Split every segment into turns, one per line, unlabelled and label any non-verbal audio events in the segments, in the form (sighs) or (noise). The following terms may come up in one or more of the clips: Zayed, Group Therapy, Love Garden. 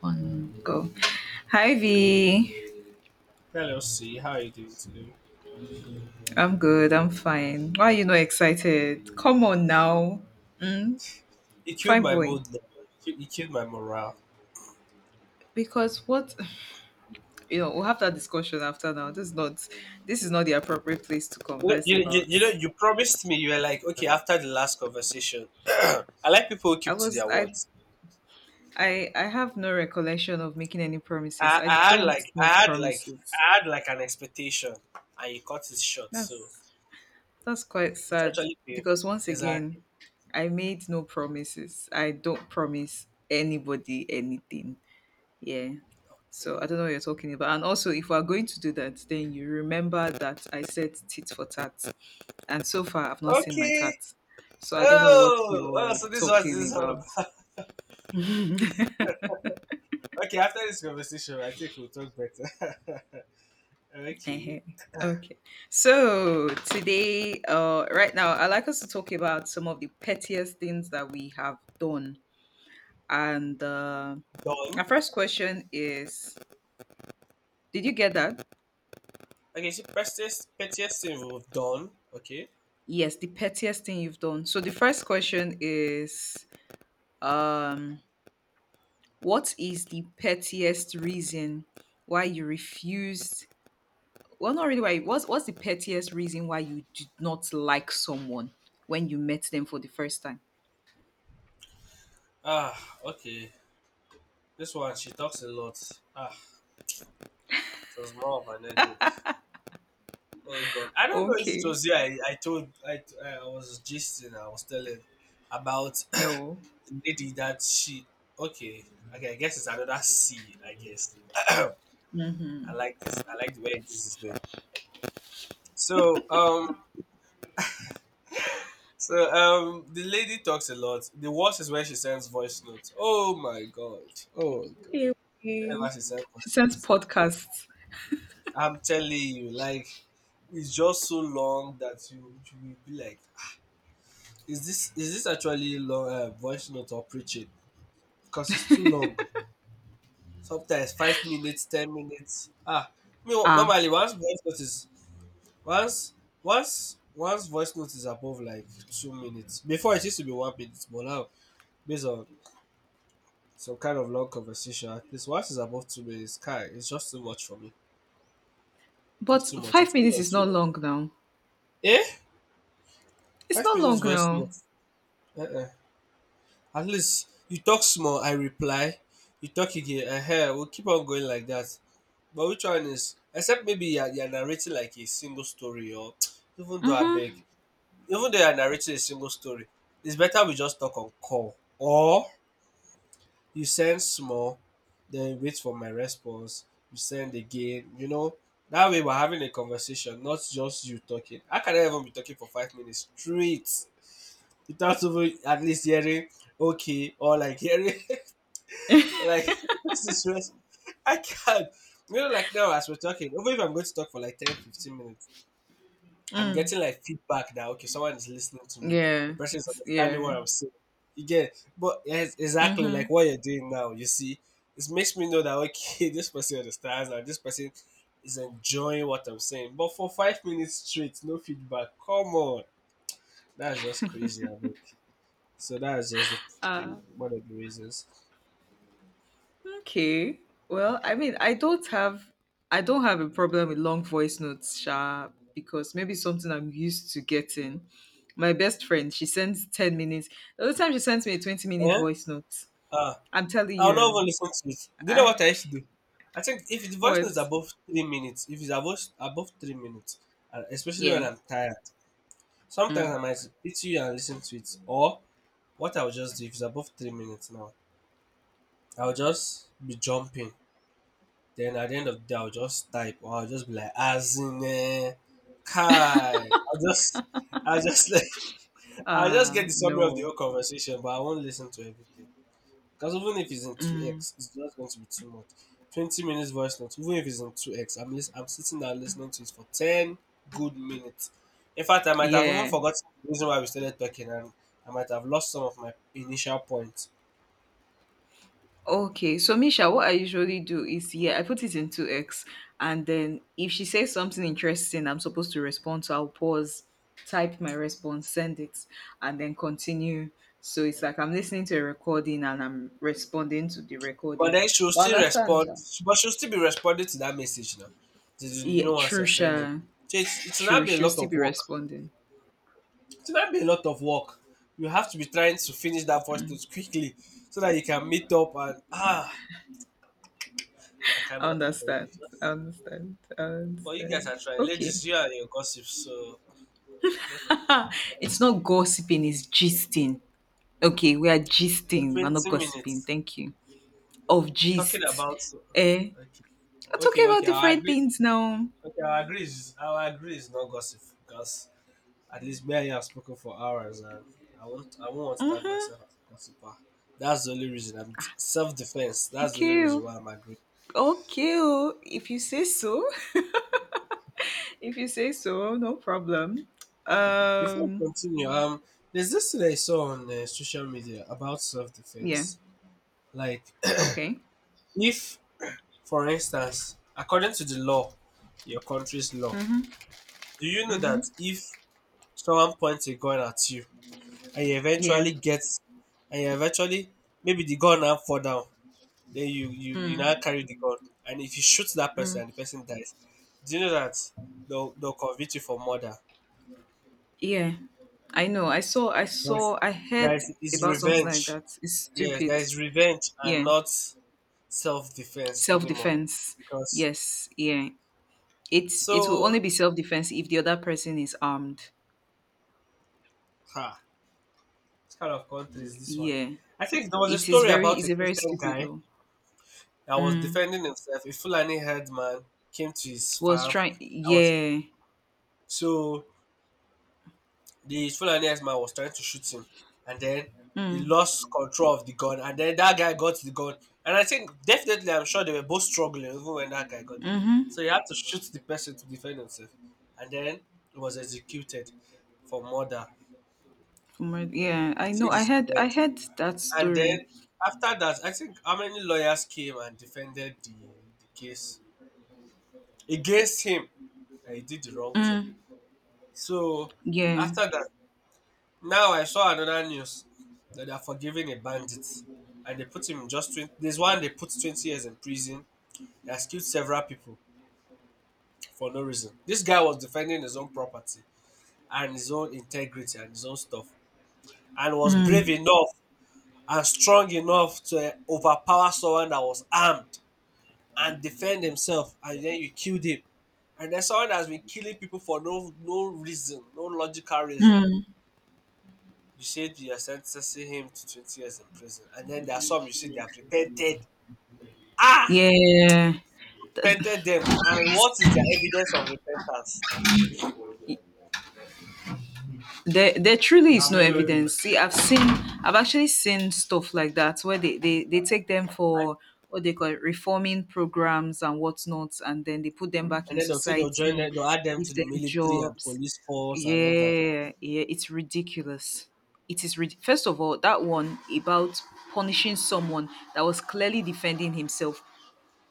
One go. Hi V.
Hello, C. How are you doing today?
I'm good. I'm fine. Why are you not excited? Come on now. Mm,
It killed
fine
my
boy.
mood now. It killed my morale.
Because what, (sighs) we'll have that discussion after now. This is not the appropriate place to converse about.
You promised me you were like, okay, after the last conversation, (clears throat) I like people who
I
keep to
was
their
I
words.
I have no recollection of making any promises.
I,
I
I had
don't
like, I
make
had like,
promises.
I had like an expectation, and you cut it short. So
That's that's quite
it's
sad.
actually painful.
Because once
Exactly.
again, I made no promises. I don't promise anybody anything. Yeah. So I
Okay.
don't know what you're talking about. And also, if we're going to do that, then you remember that I said tit for tat. And so far, I've not seen my
Okay.
tat. So I don't know what
Oh, oh.
you're
So this
talking
is all
about.
about.
(laughs) Eh-heh.
Okay. After this conversation, I think we'll talk better. (laughs) Okay.
Okay. So today, right now, I'd like us to talk about some of the pettiest things that we have done. And
Done.
our first question is— Did you get that?
Okay, see, pettiest thing we've done. Okay.
Yes, the pettiest thing you've done. So the first question is— Um, what is the pettiest reason why you refused? Well, not really why. What's the pettiest reason why you did not like someone when you met them for the first time?
Ah, okay. This one, she talks a lot. Ah, it was more of an edit. Oh God, I don't know if it
Okay,
was here. I was gisting. I was telling about (clears throat) the
no.
lady that she. Okay, okay. I guess it's another C. I guess. (clears throat) I
Mhm.
like this. I like the way this is going. So, um, so the lady talks a lot. The worst is when she sends voice notes. Oh my God. Oh my
Anyway,
God. Whenever she sends
she
voice
sends
notes.
podcasts.
I'm telling you, like it's just so long that you will be like, is this actually long voice note or preaching? Because it's too long. Sometimes 5 minutes, 10 minutes. I mean,
Ah,
normally once voice note is once once voice note is above like 2 minutes. Before it used to be 1 minute, but now based on some kind of long conversation, at least once it's above 2 minutes, Kai, it's just too much for me. It's
but
too much.
five
It's be
minutes
on
is
two.
not long now.
Eh?
It's
Five
not
minutes
long
voice
now.
note. Uh-uh. At least you talk small, I reply. You talk again, we'll keep on going like that. But which one is, except maybe you're narrating like a single story or (tsk) even though I beg,
Mm-hmm.
even though you're narrating a single story, it's better we just talk on call. Or you send small, then you wait for my response, you send again. That way we're having a conversation, not just you talking. How can I even be talking for 5 minutes straight without even at least hearing okay or like hearing (laughs) Like (laughs) this is just I can't. Like now as we're talking, even if I'm going to talk for like 10, 15 minutes, I'm getting like feedback now. Okay, someone is listening to me. The
Yeah,
person is understanding
yeah.
what I'm saying. You get, but yes, exactly like what you're doing now. You see, it makes me know that okay, (laughs) this person understands and this person is enjoying what I'm saying. But for 5 minutes straight, no feedback. Come on, that's just crazy. I mean, so that's just one of the reasons.
Okay. Well, I mean, I don't have a problem with long voice notes, Sha, because maybe it's something I'm used to getting. My best friend, she sends 10 minutes. The other time she sends me a 20-minute
Yeah.
voice note.
Ah.
I'm telling
I'll not even
you.
listen to it. Do you know
I,
what I used to do? I think if the
(laughs)
voice note
what?
is above 3 minutes, if it's above 3 minutes, and especially
Yeah.
when I'm tired, sometimes
Mm.
I might hit you and listen to it. Or what I'll just do if it's above 3 minutes now, I'll just be jumping. Then at the end of the day, I'll just type or I'll just be like, as in, Kai. I'll just (laughs) like, I'll just get the summary of the
No.
whole conversation, but I won't listen to everything. Because even if it's in
Mm.
2x, it's just going to be too much. 20 minutes voice note, even if it's in 2x, I'm sitting there listening to it for 10 good minutes. In fact, I might have even
Yeah.
forgotten the reason why we started talking and I might have lost some of my initial points.
Okay, so Misha, what I usually do is, yeah, I put it into X, and then if she says something interesting, I'm supposed to respond. So I'll pause, type my response, send it, and then continue. So it's like I'm listening to a recording and I'm responding to the
But
recording.
then she'll
But I
still
understand,
respond,
sha.
but she'll still be responding to that message now. To the
Yeah,
new ones
true,
you're sending.
sha,
So it should not
true.
be a
She'll
lot
still
of
be
work.
responding.
It should not be a lot of work. You have to be trying to finish that voice note quickly so that you can meet up and I
I
cannot. I don't.
understand. I understand. I
But you guys
understand.
are trying.
Okay.
Ladies, you and your gossip, so definitely
(laughs) It's not
for
gossiping, it's gisting. Okay, we are gisting. We're not
20
gossiping.
minutes
Thank you. Of
talking
gists.
about. So,
Eh?
okay,
We're
okay,
talking about
okay. I
different
agree.
things now.
Okay, I agree. I agree is not gossip because at least me and you have spoken for hours, and I won't. I won't want to tag
Mm-hmm.
myself as a gossiper. That's the only reason. I'm self defense. That's the only
Okay,
reason
oh.
why I'm agreeing.
Okay, oh. If you say so. (laughs) If you say so, no problem.
Before we
Um.
continue, there's this thing I saw on social media about self
Yeah.
defense. Like,
Okay.
(clears throat) if for instance, according to the law, your country's law,
Mm-hmm.
do you know
Mm-hmm.
that if someone points a gun at you and you
Yeah.
eventually get and you eventually maybe the gun now fall down, then you now
Mm,
carry the gun, and if you shoot that person
mm.
and the person dies, do you know that they'll convict you for murder?
Yeah. I know. I
Yes,
saw. I
that
heard
is
about something like
revenge.
that. It's
Yes, that
stupid.
is revenge and
Yeah.
not self defense
Self
anymore.
defense.
Because
Yes. Yeah, it's it will
so,
only be self defense if the other person is armed.
ha, this kind of country is this one.
Yeah,
I think there was a story about a
it's a very
Christian
stupid
guy
law.
that was defending himself. A Fulani headman came to his
Was
farm.
trying,
I was
yeah.
so the Fulani headman was trying to shoot him, and then he
Mm,
lost control of the gun, and then that guy got the gun. And I think definitely, I'm sure they were both struggling even when that guy got it.
mhm.
So he had to shoot the person to defend himself, and then he was executed for murder.
Yeah, I
He said
know.
it's
I
revenge.
had that
And then
story.
after that, I think how many lawyers came and defended the case against him, that he did the wrong thing.
Mm,
So
yeah.
after that, now I saw another news that they are forgiving a bandit, and they put him just 20. There's one they put 20 years in prison. He has killed several people for no reason. This guy was defending his own property and his own integrity and his own stuff, and was brave
Mm,
enough and strong enough to overpower someone that was armed and defend himself, and then you killed him. And then someone that's been killing people for no reason, no logical reason,
mm,
you said you're sentencing him to 20 years in prison. And then there are some, you see, they have repented, ah,
yeah.
repented them, and what is their evidence of repentance?
There truly is no evidence. See, I've actually seen stuff like that where they take them
and,
for what they call it, reforming programs and whatnot, and then they put them back
and
in
then they'll say, they'll join
society,
them, they'll add them to
give
the
them
military and
jobs.
police force and all that.
Yeah, yeah, it's ridiculous. First of all, that one about punishing someone that was clearly defending himself,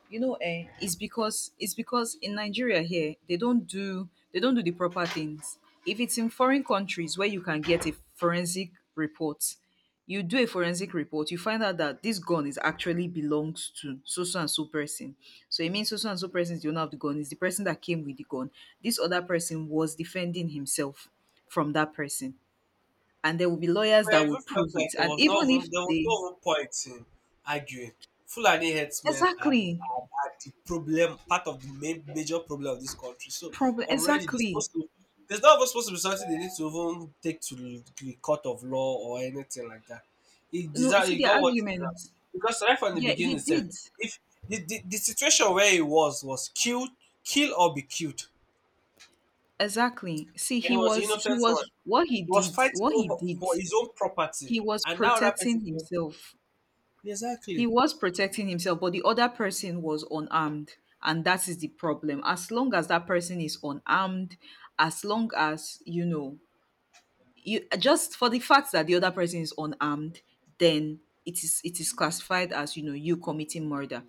you know, it's because in Nigeria here, they don't do the proper things. If it's in foreign countries where you can get a forensic report, you do a forensic report, you find out that this gun is actually belongs to so so and so person. So it means so so and so person is the owner of the gun, is the person that came with the gun. This other person was defending himself from that person, and there will be lawyers
I
that will
Everyone felt
prove
like
it. And even if
there was no
they—
even, point in arguing. Fulani herdsmen are,
exactly.
are, are the problem, part of the main major problem of this country. So
Problem,
already they're
exactly.
supposed to. There's not even supposed to be something they need to even take to the court of law or anything like that. He
No,
deserve,
see
he
the
got what he
argument—
deserved, because right from the
yeah,
beginning
he
itself,
did.
if the situation where he was killed, kill or be killed,
Exactly. See,
and he
he
was the
was—
innocent one.
what he
He was
did,
fighting over for his own property,
he was
and now that person
protecting
killed.
himself.
Exactly.
He was protecting himself, but the other person was unarmed, and that is the problem. As long as that person is unarmed, as long as, you know, you— just for the fact that the other person is unarmed, then it is classified as, you know, you committing murder.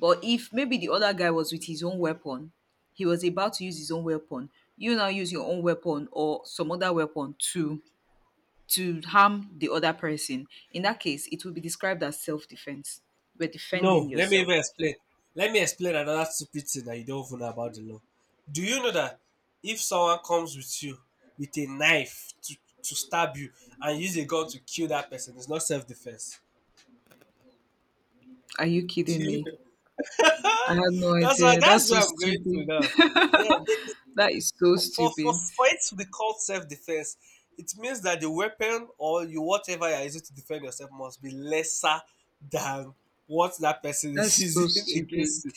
But if maybe the other guy was with his own weapon, he was about to use his own weapon. You now use your own weapon or some other weapon to— to harm the other person. In that case, it will be described as self defense. We're defending
No, let me
yourself.
even explain. Let me explain another stupid thing that you don't even know about the law. Do you know that if someone comes with you with a knife to stab you, and use a gun to kill that person, it's not self defense?
Are you
(laughs) Do
kidding
you
me?
know? (laughs)
I had no
that's why
idea. That's
that's
so
where I'm going to
stupid.
now.
(laughs)
Yeah,
That is so
for, for
stupid.
for it to be called self defense, it means that the weapon or you whatever you're using to defend yourself must be lesser than what that person is (laughs)
That's so
using
stupid.
against you.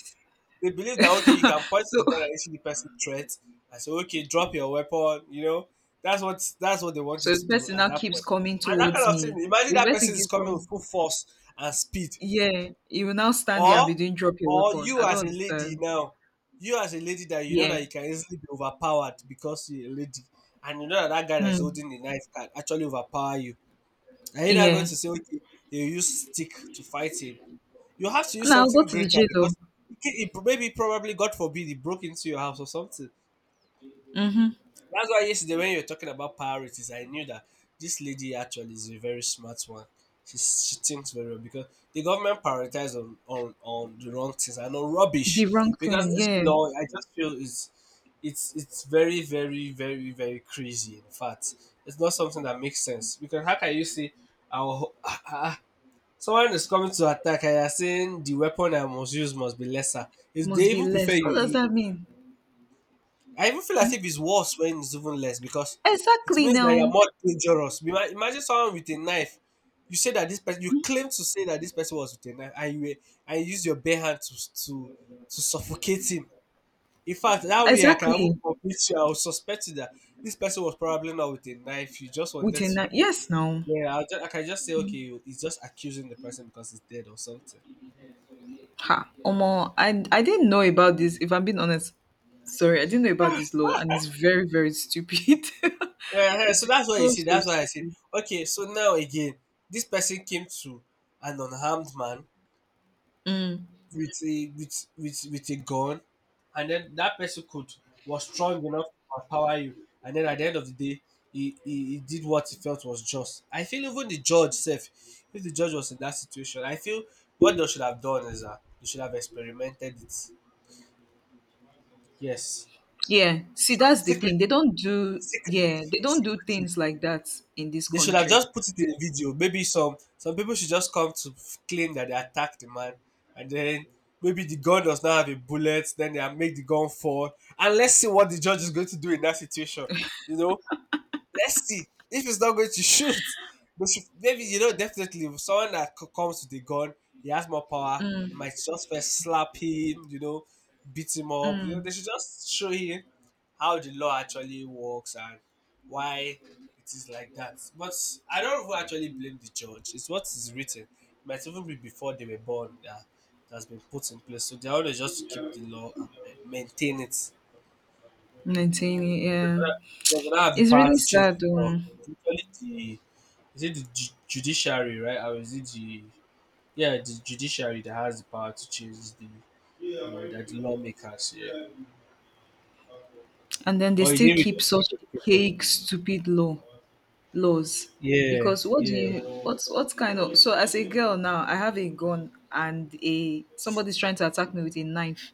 They believe that okay, you can point to
So
the gun and
(laughs)
issue the person threat and say, okay, drop your weapon. That's what they want you
so the
to do
person
at
now
that
keeps
point.
coming
And that
towards
kind of
me.
thing. Imagine
If the
that
person
person is
keeps
coming with
coming,
full force and speed,
yeah, you will now stand there and
or
be doing drop your
or
weapon.
you
I don't
as a lady
understand.
now, you as a lady that you know
Yeah.
that you can easily be overpowered because you're a lady, and you know that that guy that's
Hmm.
holding the knife can actually overpower you. Are you not going
Yeah.
to say okay, you use stick to fight him? You have to use
And I'll go
something
to the
greater,
jail, oh.
because it, maybe probably God forbid it broke into your house or something.
Mm-hmm.
That's why yesterday when you were talking about priorities, I knew that this lady actually is a very smart one. She thinks very well because the government prioritizes on the wrong things and on
The
rubbish.
wrong
Because
thing.
this
Yeah.
law, I just feel is it's very very very very crazy. In fact, it's not something that makes sense because how can you say our (laughs) someone is coming to attack and you're saying the weapon I must use must be lesser. If
Must
they
be
even prefer
less.
you,
What does
you
that mean?
I even feel as if it's worse when it's even less because it
Exactly
means that you're
now.
more dangerous. Imagine someone with a knife. You say that this person, you claim to say that this person was with a knife, and you use your bare hand to suffocate him. In fact, that way I can even
Exactly.
convince you. I will suspect you that this person was probably not with a knife. You just wanted
Within
to.
that. Yes, now.
Yeah, I can just say okay, he's just accusing the person because he's dead or something.
Ha. Omo, I didn't know about this. If I'm being honest, sorry, I didn't know about this law and it's very, very stupid. (laughs) it
Yeah, so
is
that's what you
so,
see,
so
that's why I said,
stupid.
okay, so now again, this person came to an unharmed man
Mm.
with a with with a gun, and then that person could was strong enough to empower you, and then at the end of the day, he did what he felt was just. I feel even the judge self, if the judge was in that situation, I feel what they should have done is that they should have experimented it. Yes,
Yeah. See, that's the
secretly,
thing. They don't do—
secretly,
yeah, they don't do
secretly.
things like that in this
They should have
country.
just put it in a video. Maybe some people should just come to claim that they attacked the man, and then maybe the gun does not have a bullet. Then they make the gun fall, and let's see what the judge is going to do in that situation. You know, let's see if it's not going to shoot. They should, maybe you know definitely if someone comes with a gun, he has more power. He might
Mm,
just first slap him, you know, beat him up. You know,
mm,
they should just show him how the law actually works and why it is like that. But I don't even actually blame the judge. It's what is written. It might even be before they were born that that's been put in place. So their own is just to keep the law and maintain it.
19, yeah.
They don't have the
It's
power
really
to change
sad
the law.
though.
Usually is it the judiciary, right? Or is it the yeah, the judiciary that has the power to change the law that the lawmakers, yeah.
And then they
Or is
still
it with
keep
the civic
such
education?
fake, stupid laws.
Yeah,
Because what do
yeah.
you— what kind of— so as a girl now, I have a gun and a somebody's trying to attack me with a knife.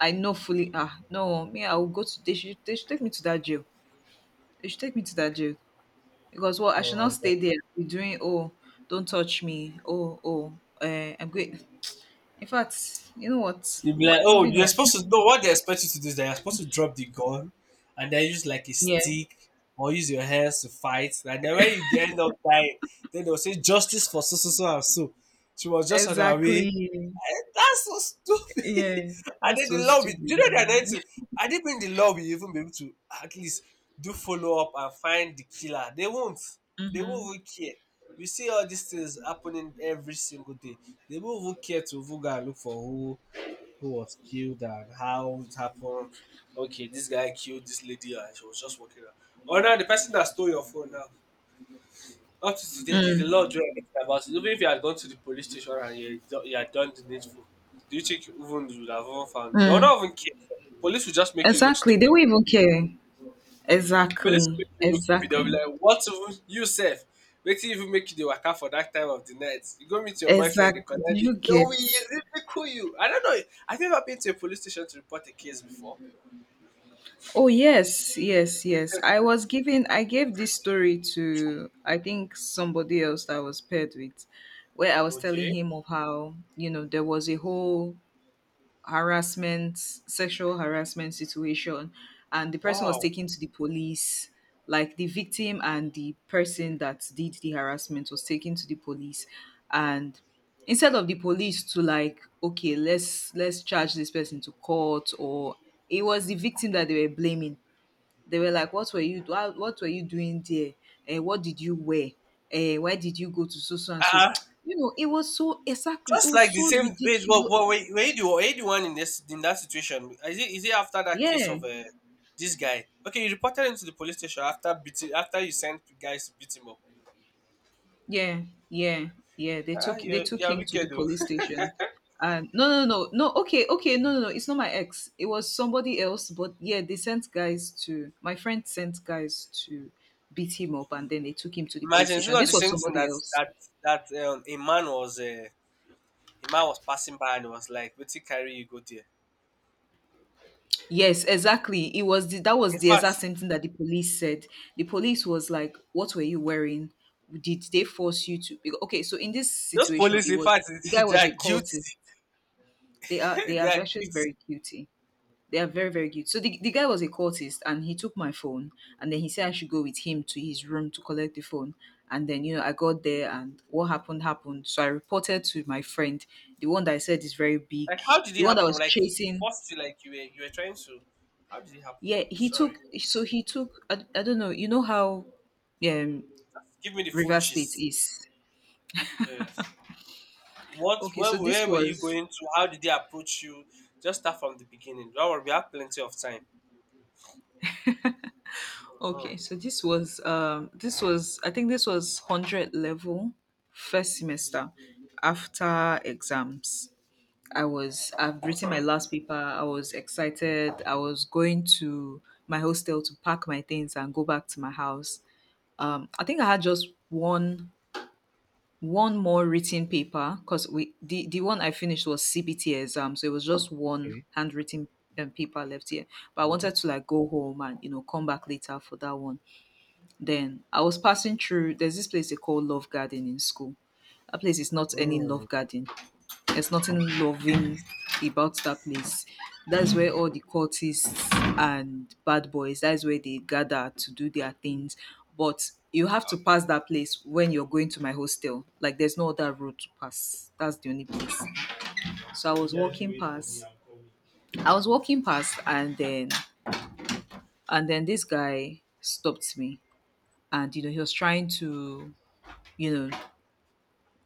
I know fully— ah no, me, I will go to— they should take me to that jail. They should take me to that jail. Because what— I should
Oh
not
my god.
stay there and be doing oh don't touch me oh oh I'm great. In fact, you know what?
You'd be like, oh,
Moving
you're
on.
supposed to know what they expect you to do is that you're supposed to drop the gun and then use like a
Yeah,
stick or use your hands to fight. And then when you get end up dying, then they'll say justice for so so so and so. She was just on her way.
exactly.
Eh, that's so stupid. (laughs)
Yeah,
And
that's
then
so
the law will,
stupid,
do you know the another
man.
thing?
(laughs)
I didn't mean the law will even be able to at least do follow up and find the killer. They won't. They won't
Mm-hmm.
even care. We see all these things happening every single day. They won't even care to even go and look for who was killed and how it happened. Okay, this guy killed this lady and she was just walking out. Oh, now the person that stole your phone now. Up to today, there's a lot
Mm,
do anything about it. Even if you had gone to the police station and you had you had done the needful, do you think you even you would have even found? They will
mm.
not even care. Police will just make you look
Exactly. They
stupid.
won't even care.
Police will make
Exactly.
you look stupid. They'll be
Exactly.
like, "What even you sef? Wetin even make you the waka for that time of the night? You go meet your boyfriend, dey
Exactly.
collect it.
You
No, we
get.
ridicule you." I don't know. Have you ever been to a police station to report a case before?
Oh yes, yes, yes. I was giving— I gave this story to, I think, somebody else that I was paired with, where I was telling
Okay.
him of how, you know, there was a whole harassment, sexual harassment situation, and the person was
Wow.
taken to the police. Like the victim and the person that did the harassment was taken to the police. And instead of the police to, like, okay, let's charge this person to court, or— it was the victim that they were blaming. They were like, "What were you do- how- what were you doing there? Eh? What did you wear? Eh? Why did you go to so so and so?"
Ah.
(tsk) You know, it was so— exactly. It
Just
was
like the
so
same wait, but,
ridiculous.
but were, were you the one in this in that situation? Is it after that case
Yeah,
of this guy? Okay, you reported him to the police station after beating after you sent guys to beat him up.
yeah, yeah, yeah.
Ah,
They took
you're
him to
wicked
the
though.
police station. And no, no, no, no. Okay, okay. No, no, no. It's not my ex. It was somebody else. But yeah, they sent guys to— my friend sent guys to beat him up, and then they took him to the police
Imagine it's
station.
not the
This was
same thing
somebody
that
else.
that that a man was passing by and was like, "What carry you go there?"
Yes, exactly. That was
In
the exact
fact,
same thing that the police said. The police was like, "What were you wearing? Did they force you to?" Because, okay, so in this
those
situation,
police,
it
in
was—
fact, (laughs)
the guy
they
was
are
a cultist.
guilty.
They
(laughs) They
are
are
actually very
guilty.
guilty. They are very very guilty. So the guy was a cultist, and he took my phone, and then he said I should go with him to his room to collect the phone. And then you know I got there, and what happened happened. So I reported to my friend, the one that I said is very big,
Like, how did
the
it
one that
happen?
was
Like, he
chasing—
forced you, like you were trying to. How did it happen?
yeah, he
Sorry.
took— so he took— I don't know, you know how um
Give me the full
River State
gist.
is.
Yes. What?
Okay, so this
Where were you
was—
going to? How did they approach you? Just start from the beginning. Don't worry, we have plenty of time. Mhm.
okay, so this was, um, this was, I think, this was 100 level first semester after exams. I've written my last paper. I was excited. I was going to my hostel to pack my things and go back to my house. Um, I think I had just one more written paper because we— the one I finished was CBT exam, so it was just one handwritten paper left here. But I wanted to like go home and, you know, come back later for that one. Then I was passing through. There's this place they call Love Garden in school. That place is not any
Mm.
Love Garden. There's nothing loving about that place. That's where all the cultists and bad boys, that's where they gather to do their things. But you have to pass that place when you're going to my hostel. Like there's no other road to pass. That's the only place. So I was walking past— I was walking past, and then this guy stopped me, and, you know, he was trying to, you know,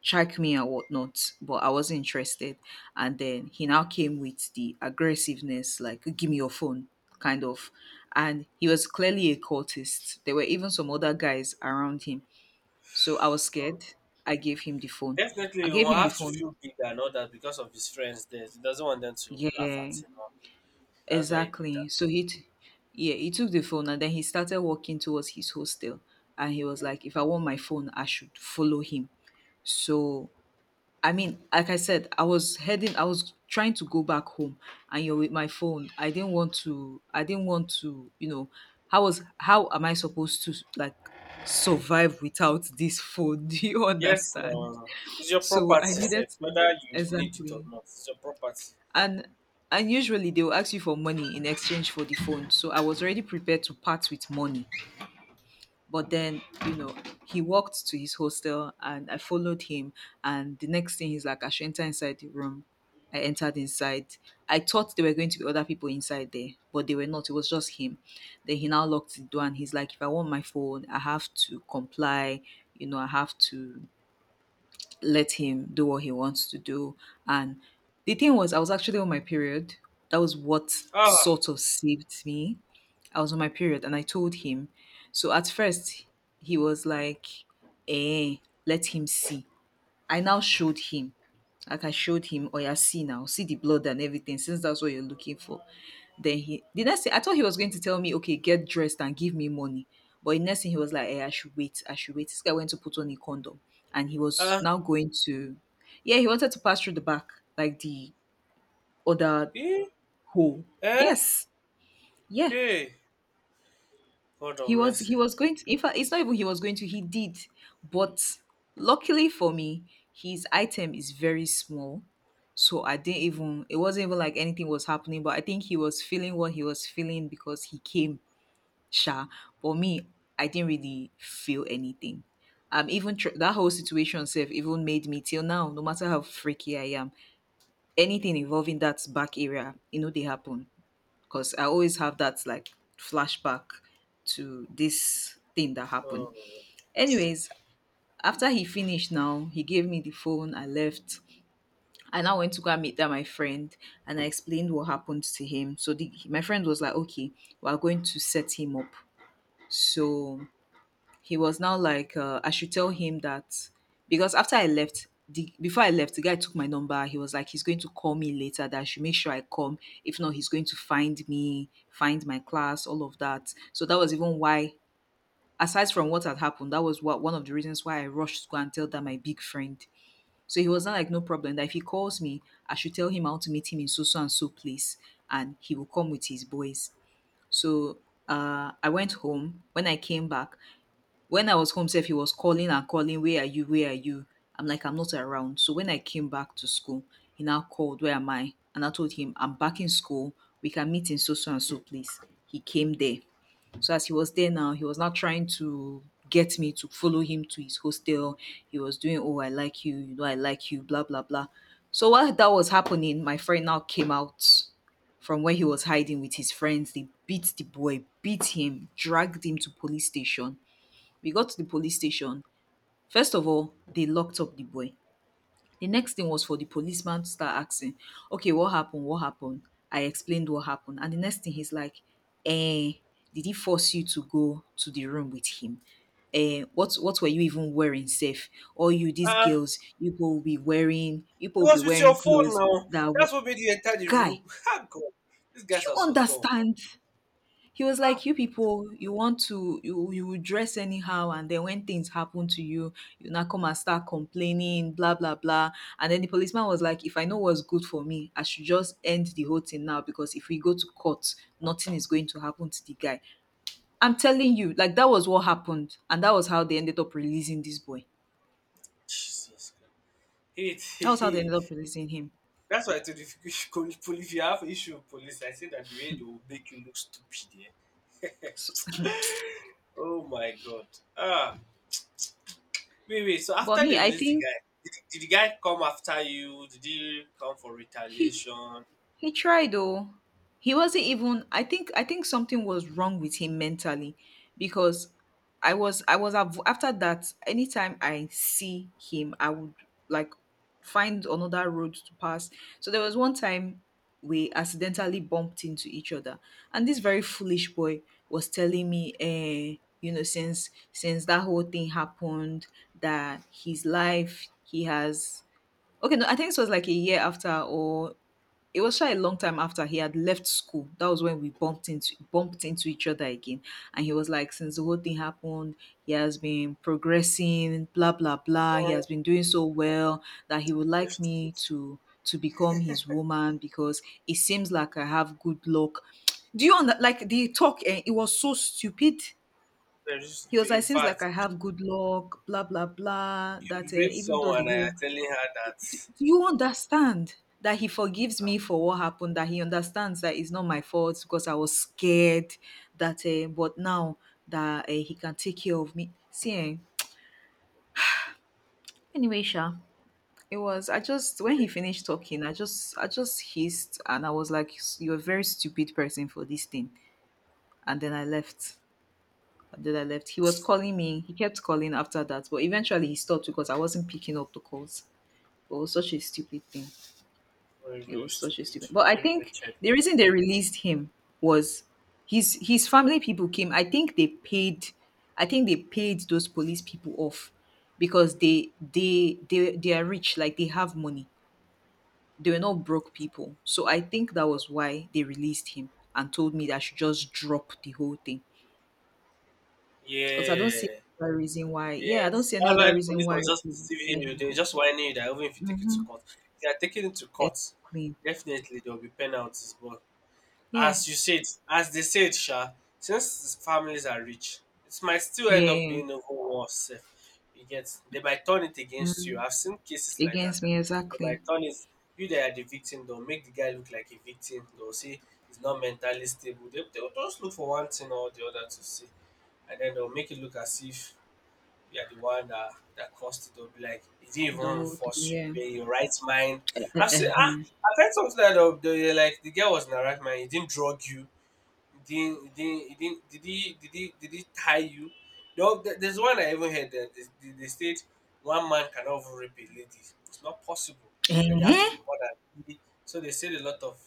strike me and whatnot, but I wasn't interested. And then he now came with the aggressiveness, like, give me your phone, kind of. And he was clearly a cultist. There were even some other guys around him. So I was
Oh,
scared. I gave him the phone.
definitely,
I
you
gave
will
him the
have to
phone.
feel big and all that because of his friends there. He doesn't want them to laugh
Yeah,
at him. Huh? That's why he did that.
exactly. So yeah, he took the phone, and then he started walking towards his hostel. And he was like, if I want my phone, I should follow him. So I mean, like I said, I was trying to go back home, and you're with my phone. I didn't want to. I didn't want to. How am I supposed to like survive without this phone? (laughs) Do you
Yes,
understand?
no. It's your
So I
property,
needed
Seth.
to.
Whether you need it or
Exactly.
not, it's your property.
And and usually they will ask you for money in exchange for the phone. So I was already prepared to part with money, but then, he walked to his hostel, and I followed him. And the next thing, he's like, I should enter inside the room. I entered inside. I thought there were going to be other people inside there, but they were not. It was just him. Then he now locked the door, and he's like, if I want my phone, I have to comply. I have to let him do what he wants to do. And the thing was, I was actually on my period. That was what
Ah,
sort of saved me. I was on my period, and I told him. So at first, he was like, eh, let him see. I now showed him. Like I showed him, oh yeah, see now, see the blood and everything, since that's what you're looking for. The next thing, I thought he was going to tell me, okay, get dressed and give me money. But the next thing, he was like, I should wait, I should wait. This guy went to put on a condom, and he was
ah,
now going to. Yeah, he wanted to pass through the back, like the other
eh,
hole.
eh,
Yes. Yeah.
hey, God of
He was
mercy.
he was going to— in fact, it's not even, he was going to, he did. But luckily for me, his item is very small. So I didn't even it wasn't even like anything was happening, but I think he was feeling what he was feeling, because he came sha. But me, I didn't really feel anything. That whole situation self even made me, till now, no matter how freaky I am, anything involving that back area, they happen, because I always have that like flashback to this thing that happened.
Oh.
Anyways, after he finished now, he gave me the phone. I left. I now went to go and meet that my friend, and I explained what happened to him. So my friend was like, okay, we are going to set him up. So he was now like, I should tell him that, because after I left— the before I left, the guy took my number. He was like, he's going to call me later, that I should make sure I come; if not, he's going to find me, find my class, all of that. So that was even why, aside from what had happened, that was what one of the reasons why I rushed to go and tell that my big friend. So he was not like, no problem, that if he calls me, I should tell him I want to meet him in so so and so place, and he will come with his boys. So I went home. When I was home sef, he was calling and calling. Where are you? Where are you? I'm like, I'm not around. So when I came back to school, he now called, where am I? And I told him, I'm back in school. We can meet in so so and so place. He came there. So as he was there now, he was now trying to get me to follow him to his hostel. He was doing, oh, I like you know, I like you, blah blah blah. So while that was happening, my friend now came out from where he was hiding with his friends. They beat the boy, beat him, dragged him to police station. We got to the police station. First of all, they locked up the boy. The next thing was for the policeman to start asking, okay, what happened, what happened? I explained what happened, and the next thing, he's like, eh did he force you to go to the room with him? What were you even wearing safe? Or you these
Ah,
girls, you go be wearing,
it was with your phone
clothes
now.
that
That's
will—
what made you enter the room.
guy,
(laughs) Ah, God. These
do
guys are
you
so dumb.
understand? He was
Ah,
like, you
God.
people, you want to, you will dress anyhow, and then when things happen to you, you now come and start complaining, blah blah blah. And then the policeman was like, if I know what's good for me, I should just end the whole thing now, because if we go to court, nothing is going to happen to the guy. I'm telling you, like that was what happened, and that was how they ended up releasing this boy.
Jesus Christ. Hey, hey,
That was how they
hey.
ended up releasing him.
That's why I told you if you, should to police, if you have issue with police, I said that the way they will make you look stupid. Eh?
So,
Oh, my God. Ah. Wait, wait. So
(laughs) but
after they
me, I
released the
think
guy, did the guy come after you? Did he come for
he
retaliation?
he tried though. He wasn't even— I think something was wrong with him mentally, because after that, anytime I see him, I would like find another road to pass. So there was one time we accidentally bumped into each other, and this very foolish boy was telling me, you know, since that whole thing happened, that his life, he has— okay, no, I think this was like a year after, or it was sha a long time after he had left school. That was when we bumped into each other again. And he was like, since the whole thing happened, he has been progressing, blah blah blah. He has been doing so well that he would like
Just-
me
just-
to become his woman, because it seems like I have good luck. Do you under like the talk? It was so stupid. He was
In
like, seems like
fact,
I have good luck, blah blah blah.
you
That,
raped
even though the
someone and you're
whole—
telling her
do
that.
you understand that he forgives
Ah,
me for what happened? That he understands that it's not my fault because I was scared, that, but now that, he can take care of me. See, anyway, Sha, it was. I just When he finished talking, I just, hissed, and I was like, "You're a very stupid person for this thing," and then I left. And then I left. He was calling me. He kept calling after that, but eventually he stopped because I wasn't picking up the calls. But it was such a stupid thing.
very,
It
very
was such a
stupid.
stupid. But I
Very
think
wretched.
the reason they released him was, his family people came. I think they paid. I think they paid those police people off, because they are rich. Like they have money. They were not broke people. So I think that was why they released him and told me that I should just drop the whole thing. Because I don't see
Yeah,
any other reason why. Yeah, I don't
yes.
see any
That's
other
why
reason
police
why
was just
they would
deceiving
let
you.
him
They
go.
just warning you that even if you take it to
Mm-hmm.
court, if you are taking it to court,
Exactly.
definitely there will be penalties. But
Yeah.
as you said, as they said, Sha, since families are rich, it might still end up
Yeah.
being even worse. If you get, they might turn it against you.
Mhm.
I've seen cases like that.
Against
That
me,
they might
exactly.
turn it. You that are the victim, they'll make the guy look like a victim. They'll say he's not mentally stable. They'll just look for one thing or the other to see, and then they'll make it look as if you are the one that that caused it. They'll be like, it didn't
The
even
whole thing,
force
yeah.
you. You were in your right mind.
Uh-huh.
I've heard something like the like the girl was in her right mind. He didn't drug you. He didn't. He didn't. He didn't. Did he? Did he? Did he tie you? No, there's one I even heard that they said one man cannot even rape a lady. It's not possible. That they have to
Eh?
be more than three. So they said a lot of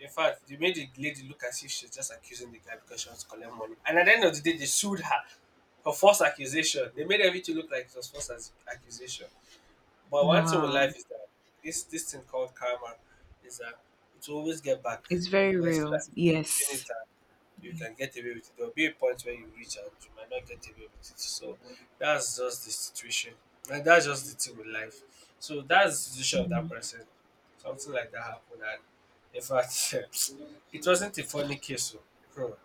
in fact, they made the lady look as if she's just accusing the guy because she wants to collect money. And at the end of the day, they sued her for false accusation. They made everything look like it was accusation. But one thing with
Wow,
life is that this thing called karma is that it will always get back.
it's
You
very
might feel
real.
as if you're doing
Yes,
it you can get away with it. There'll be a point where you reach and you might not get away with it. So that's just the situation. And that's just the thing with life. So that's the situation of that person. Something like that happened and in fact (laughs) it wasn't a funny case. So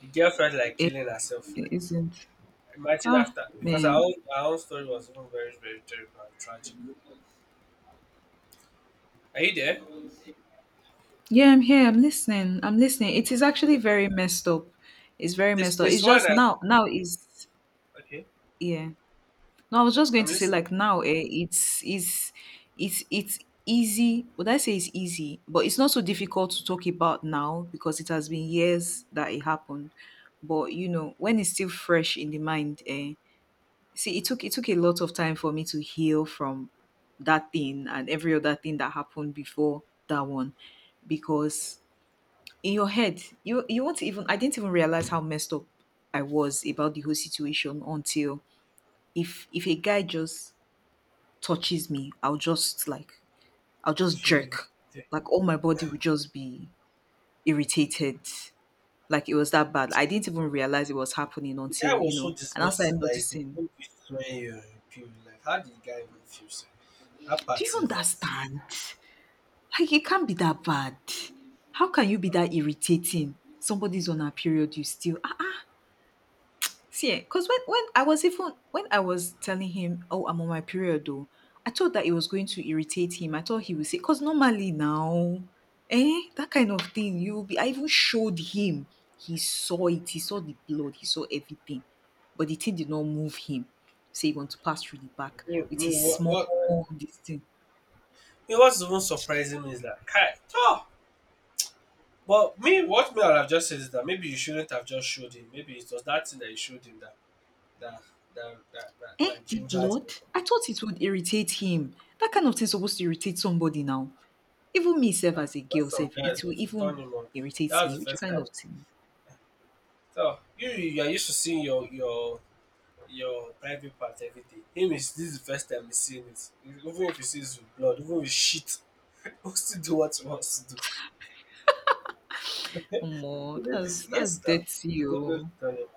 the girl felt like
it,
killing herself.
it isn't.
Imagine
Ah,
after because
man.
our own story was even very, very terrible and tragic. Are you there?
Yeah, I'm here. I'm listening. I'm listening. It is actually very messed up. It's very
This
messed up.
this
It's
one
just
I,
now. Now is.
okay.
Yeah. No, I was just going
I'm
to say,
listening.
like, now, it's easy. Would I say it's easy? But it's not so difficult to talk about now because it has been years that it happened. But when it's still fresh in the mind, see, it took a lot of time for me to heal from that thing and every other thing that happened before that one, because in your head, you won't even. I didn't even realize how messed up I was about the whole situation until— if a guy just touches me, I'll just,
She-
jerk. Like all my body would just be irritated. Like it was that bad. I didn't even realize it was happening
The guy
until,
was so
and I
disgusted
started
that he could
noticing.
almost swear appeal. Like, how did the guy even feel? Sir? That
Do
part
you
self.
understand? Like it can't be that bad. How can you be that irritating? Somebody's on a period, you still ah. See, because when I was— even when I was telling him, "Oh, I'm on my period," though, I thought that it was going to irritate him. I thought he would say, "Because normally now, that kind of thing, you will be." I even showed him. He saw it. He saw the blood. He saw everything, but the thing did not move him. So he want to pass through the back
You
with
know
his
what?
small
What?
this thing.
You know what's even surprising me is that Kai. Oh, but me, what me I would have just said is that maybe you shouldn't have just showed him. Maybe it was that thing that you showed him that that
The
gingered
blood.
him.
I thought it would irritate him. That kind of thing is supposed to irritate somebody now. Even me self
Ah,
as a
that's
girl
some
self,
guys
it will
who to turn
even
him on. That
irritates
was
me.
the
Which
first
kind
time.
of thing?
So you are used to seeing your your private part, everything. Him, is this is the first time he's seeing it. Even if he sees with blood, even with shit, (laughs) he still do what he wants to do.
Omo, that's
Yes
that's
now, they
dirty
don't really
oh.
tell him.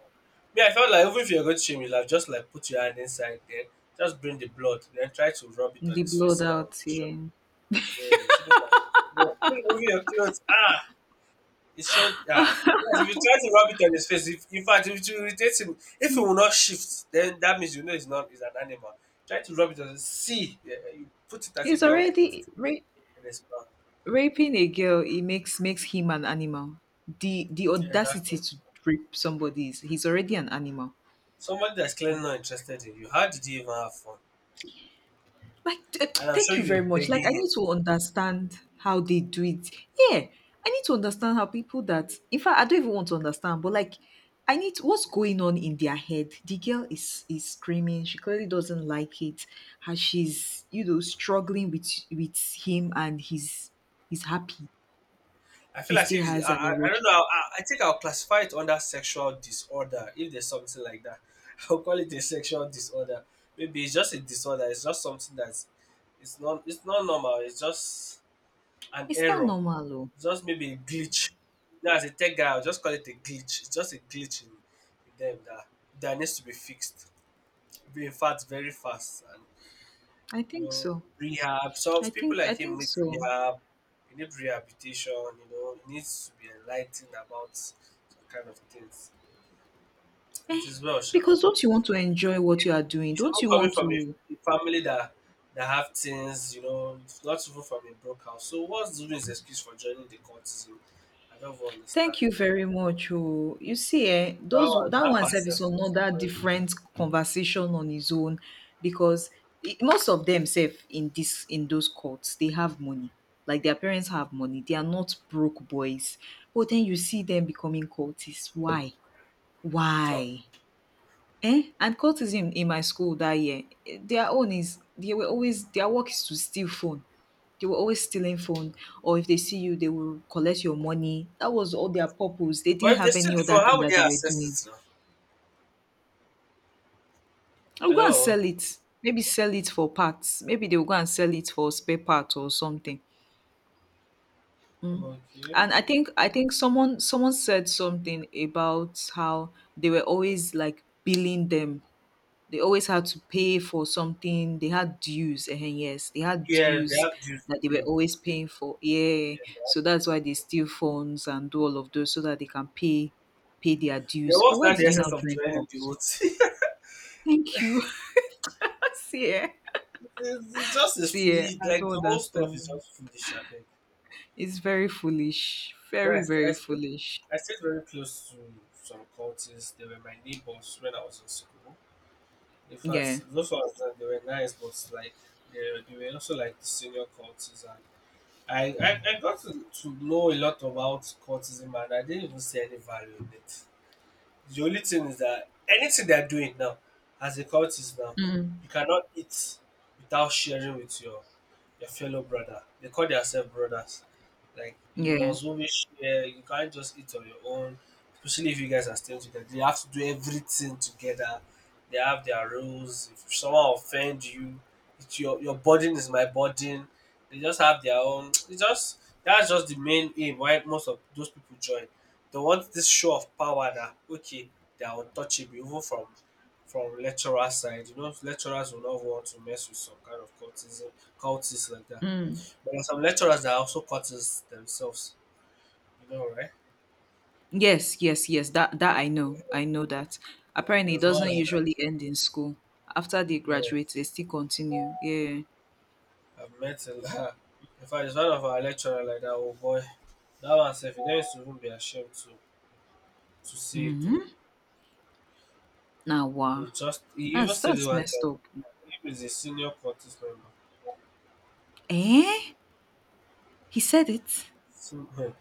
Me, I felt like even if you're going to shame him, like, just like put your hand inside there, just bring the blood then try to rub it on
The
his face
blood
so that it will
out
be sure.
here.
Yeah, you shouldn't have. Yeah, remove your clothes, ah. It should, ah, yes, if you try to rub it on his face, if in fact if it will irritate him, if he will not shift, then that means, you know, he's not, he's an animal. Try to rub it on his, see, yeah, you put it as if
It's
you want to put
already
it
ra-
in his mouth.
Raping a girl. It makes him an animal. The
Yeah, exactly.
audacity to rape somebody is he's already an animal.
Somebody that's clearly not interested in you, how did you even have fun?
Like,
And I'm
thank
sure
you
you were
very much. Like,
begging
I need
him.
to understand how they do it. Yeah, I need to understand how people that, in fact, I don't even want to understand, but like, what's going on in their head. The girl is screaming. She clearly doesn't like it. How she's struggling with with him, and he's happy.
I feel
He
as
still
if I,
has an
I I don't
erection.
know. I think I'll classify it under sexual disorder if there's something like that. (laughs) I'll call it a sexual disorder. Maybe it's just a disorder. It's just something that's it's not normal. It's just an
It's not
error.
normal, though.
It's just maybe a glitch. Now as a tech guy, I'll just call it a glitch. It's just a glitch in, them that needs to be fixed. Be in fact very fast,
I
you
think
know,
so.
rehab. So people
I
like him
think
need
so.
rehab. He need rehabilitation. You know, he needs to be enlightened about some kind of things. It is well, sure.
Because don't you want to enjoy what you are doing?
He's
Don't
not
you
coming
want
from
to?
a, family that have things. You know, not even from a broke house. So what's doing his excuse for joining the cultism? I don't even understand.
Thank you very much. Oh, you see,
That
those
one,
that
that
one
part
self is
self
another different conversation on his own because most of them self in this in those cults they have money. Like their parents have money. They are not broke boys. But then you see them becoming cultists. Why?
talk.
Why? Eh? And cultism in my school that year, eh, their own is they were always their work is to steal phone. They were always stealing phone, or if they see you, they will collect your money. That was all their purpose. They
But
didn't
if they
have
still
any other
different, how
thing
would
that
they
they were doing.
assess it now?
I will go and
Hello.
sell it. Maybe sell it for parts. Maybe they will go and sell it for spare parts or something. Mm.
Okay.
And I think someone said something about how they were always like billing them. They always had to pay for something. They had dues. Yes, they had
Yeah, they
dues
have dues to
that they were
pay.
always paying for. Yeah,
Yes, they have
so that's
dues to
why they
pay.
steal phones and do all of those so that they can pay their
They
dues. But
what's
why
not the
did you
essence
now
of
join
trying the
cups?
oats? (laughs)
Thank you. (laughs) See, eh?
It's just as
See, eh?
foolish.
I
Like
don't
the whole stuff is
understand.
just foolish. I beg.
It's very foolish. Very,
Rest. I
very
stayed,
foolish.
I stayed very close to some cultists. They were my neighbors when I was in school. In
Yeah.
fact, those ones that they were nice, but like they were also like the senior cultists. And I got to, know a lot about cultism, and I didn't even see any value in it. The only thing is that anything they're doing now, as a cultist now,
Mm.
you cannot eat without sharing with your fellow brother. They call themselves brothers. Like you
Yeah.
must always share. You can't just eat on your own, especially if you guys are staying together. They have to do everything together. They have their rules. If someone offends you, it's your burden is my burden. They just have their own. It's just that's just the main aim why most of those people join. They want this show of power, that okay, they are untouchable even from lecturer side. You know, lecturers will not want to mess with some kind of cultism, cultists like that.
Mm.
But there are some lecturers that are also cultists themselves. You know, right?
Yes, yes, yes. That that I know. I know that.
And
Apparently, it
there's one
doesn't
like
usually
that.
end in school. After they graduate,
Yes,
they still continue. Yeah.
I've met a lot. In fact, it's one of our lecturer like that. Oh boy, that one self, he used to even be ashamed to say it. Oh.
Mm-hmm. Now,
He
wow.
would just he even
That's
said it
that's
one
messed
time.
up.
He is a senior cultist member.
Eh? He said it.
So, (laughs)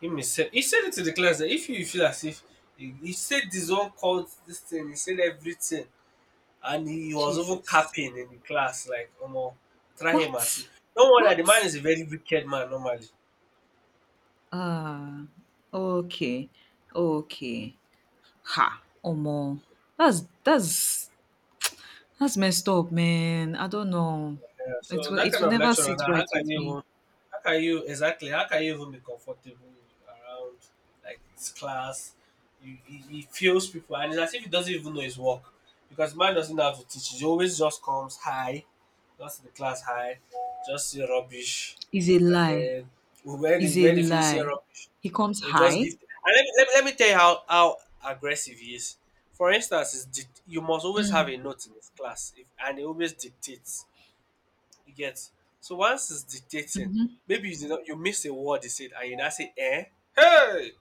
him himself, he said it to the class that if you feel as if he said this one called this thing, he said everything, and he was over
Jesus.
capping in the class like, "Omo, try him and see."
What?
Don't worry, the man
What?
is a very wicked man normally.
Ah. Okay. Okay. Ha. Omo. That's messed up, man. I don't know.
Yeah, so that
It
kind
will
of
never
lecturer,
sit
now how
right
can
with
you,
me.
how can you, exactly, how can you even be comfortable around like his class? He feels people, and it's as if he doesn't even know his work because man doesn't have to teach. He always just comes high, just in the class high, just say rubbish,
Is a
and
lie.
then when he
Is a
when he finish saying
lie.
rubbish,
He comes
he'll just give.
high.
And let me tell you how aggressive he is. For instance, you must always have
Mm.
a note in his class, if, and he always dictates, you get? So once it's dictating, maybe you did not you missed a word he said and you now say, eh? Hey!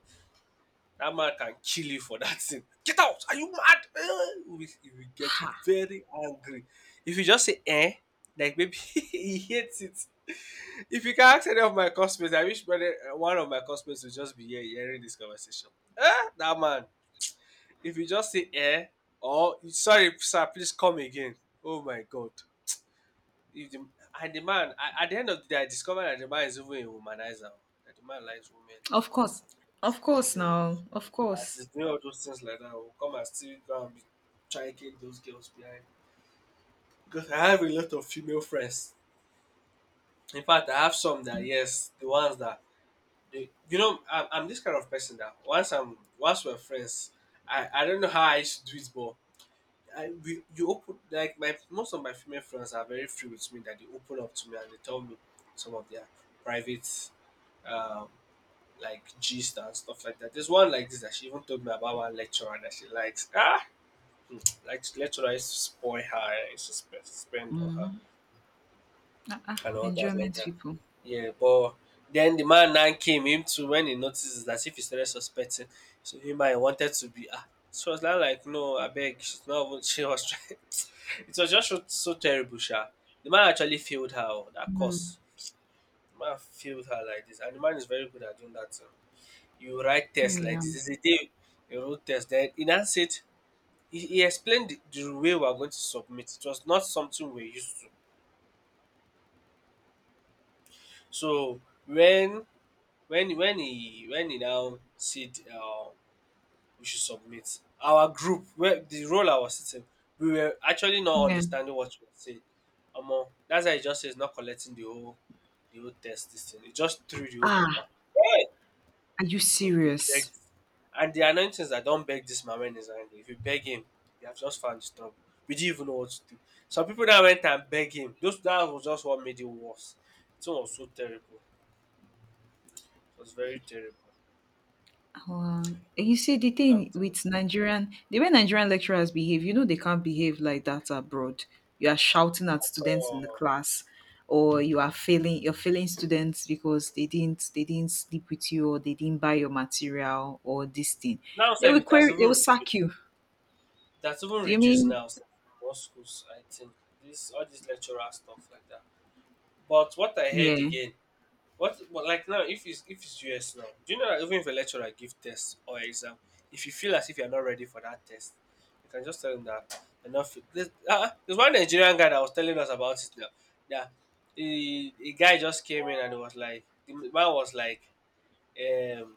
That man can kill you for that thing. Get out! Are you mad? Eh, we, he will get
Ha.
very angry. If you just say eh, like maybe (laughs) he hates it. If you can ask any of my customers, I wish one of my customers will just be here hearing this conversation. Eh, that man. If you just say eh, or sorry, sir, please come again. Oh my god. If the and the man a at the end of the day, I discovered that the man is even a womanizer oh, that the man likes women
Of course. Of course,
secretly oh.
now. Of
As
course.
he's doing all those things like that, will come and still go and be chiking those girls behind. Because I have a lot of female friends. In fact, I have some that yes, the ones that they, you know, I'm this kind of person that once we're friends, I don't know how I used to do it, but I we you open like my most of my female friends are very free with me that they open up to me and they tell me some of their private um, like gist and stuff like that. There's one like this that she even told me about one lecturer that she likes. Ah, (tsk) like lecturer is to spoil her, is to spend on her
Mm-hmm. Ah,
and all that like
Enjoyment
that.
people.
Yeah, but then the man now came him to when he notices that if he started suspecting, so he might wanted to be ah. So was now like no, I beg, she's not even she was trying. (laughs) It was just so, so terrible, sha. The man actually failed her oh, that course. The man failed her like this, and the man is very good at doing that. Too. You write test like
Yeah.
this. This is the day you wrote test. Then in answer, it, he explained the, way we are going to submit. It was not something we're used to. So when when he now said we should submit, our group where the role I was sitting, we were actually not
Yeah.
understanding what you were saying. That's why he just says not collecting the whole test this thing. He just threw the whole paper.
Ah, are you
Because we
serious?
begged. And the annoying thing is that don't beg this man when he's angry. If you beg him, you have just found his trouble. We didn't even know what to do. Some people that went and beg him, those that was just what made it worse. It was so terrible. It was very terrible.
Wow. You see, the
I'm
thing
terrible.
with Nigerian, the way Nigerian lecturers behave, you know, they can't behave like that abroad. You are shouting at students in the
So,
class, or you are failing, you're failing students because they didn't sleep with you, or they didn't buy your material, or this thing.
now
They
self
will
it has
query, they
even
will
reduced.
sack you.
It even
You
reduced
mean,
now sef, in most schools, I think. This all this lecturer stuff like that. But what I heard
yeah,
again. What, but like now, if it's US now, do you know that even if a lecturer give test or exam, if you feel as if you're not ready for that test, you can just tell them that you're not fit. There's one Nigerian guy that was telling us about it now. That a, guy just came in and it was like the man was like, um,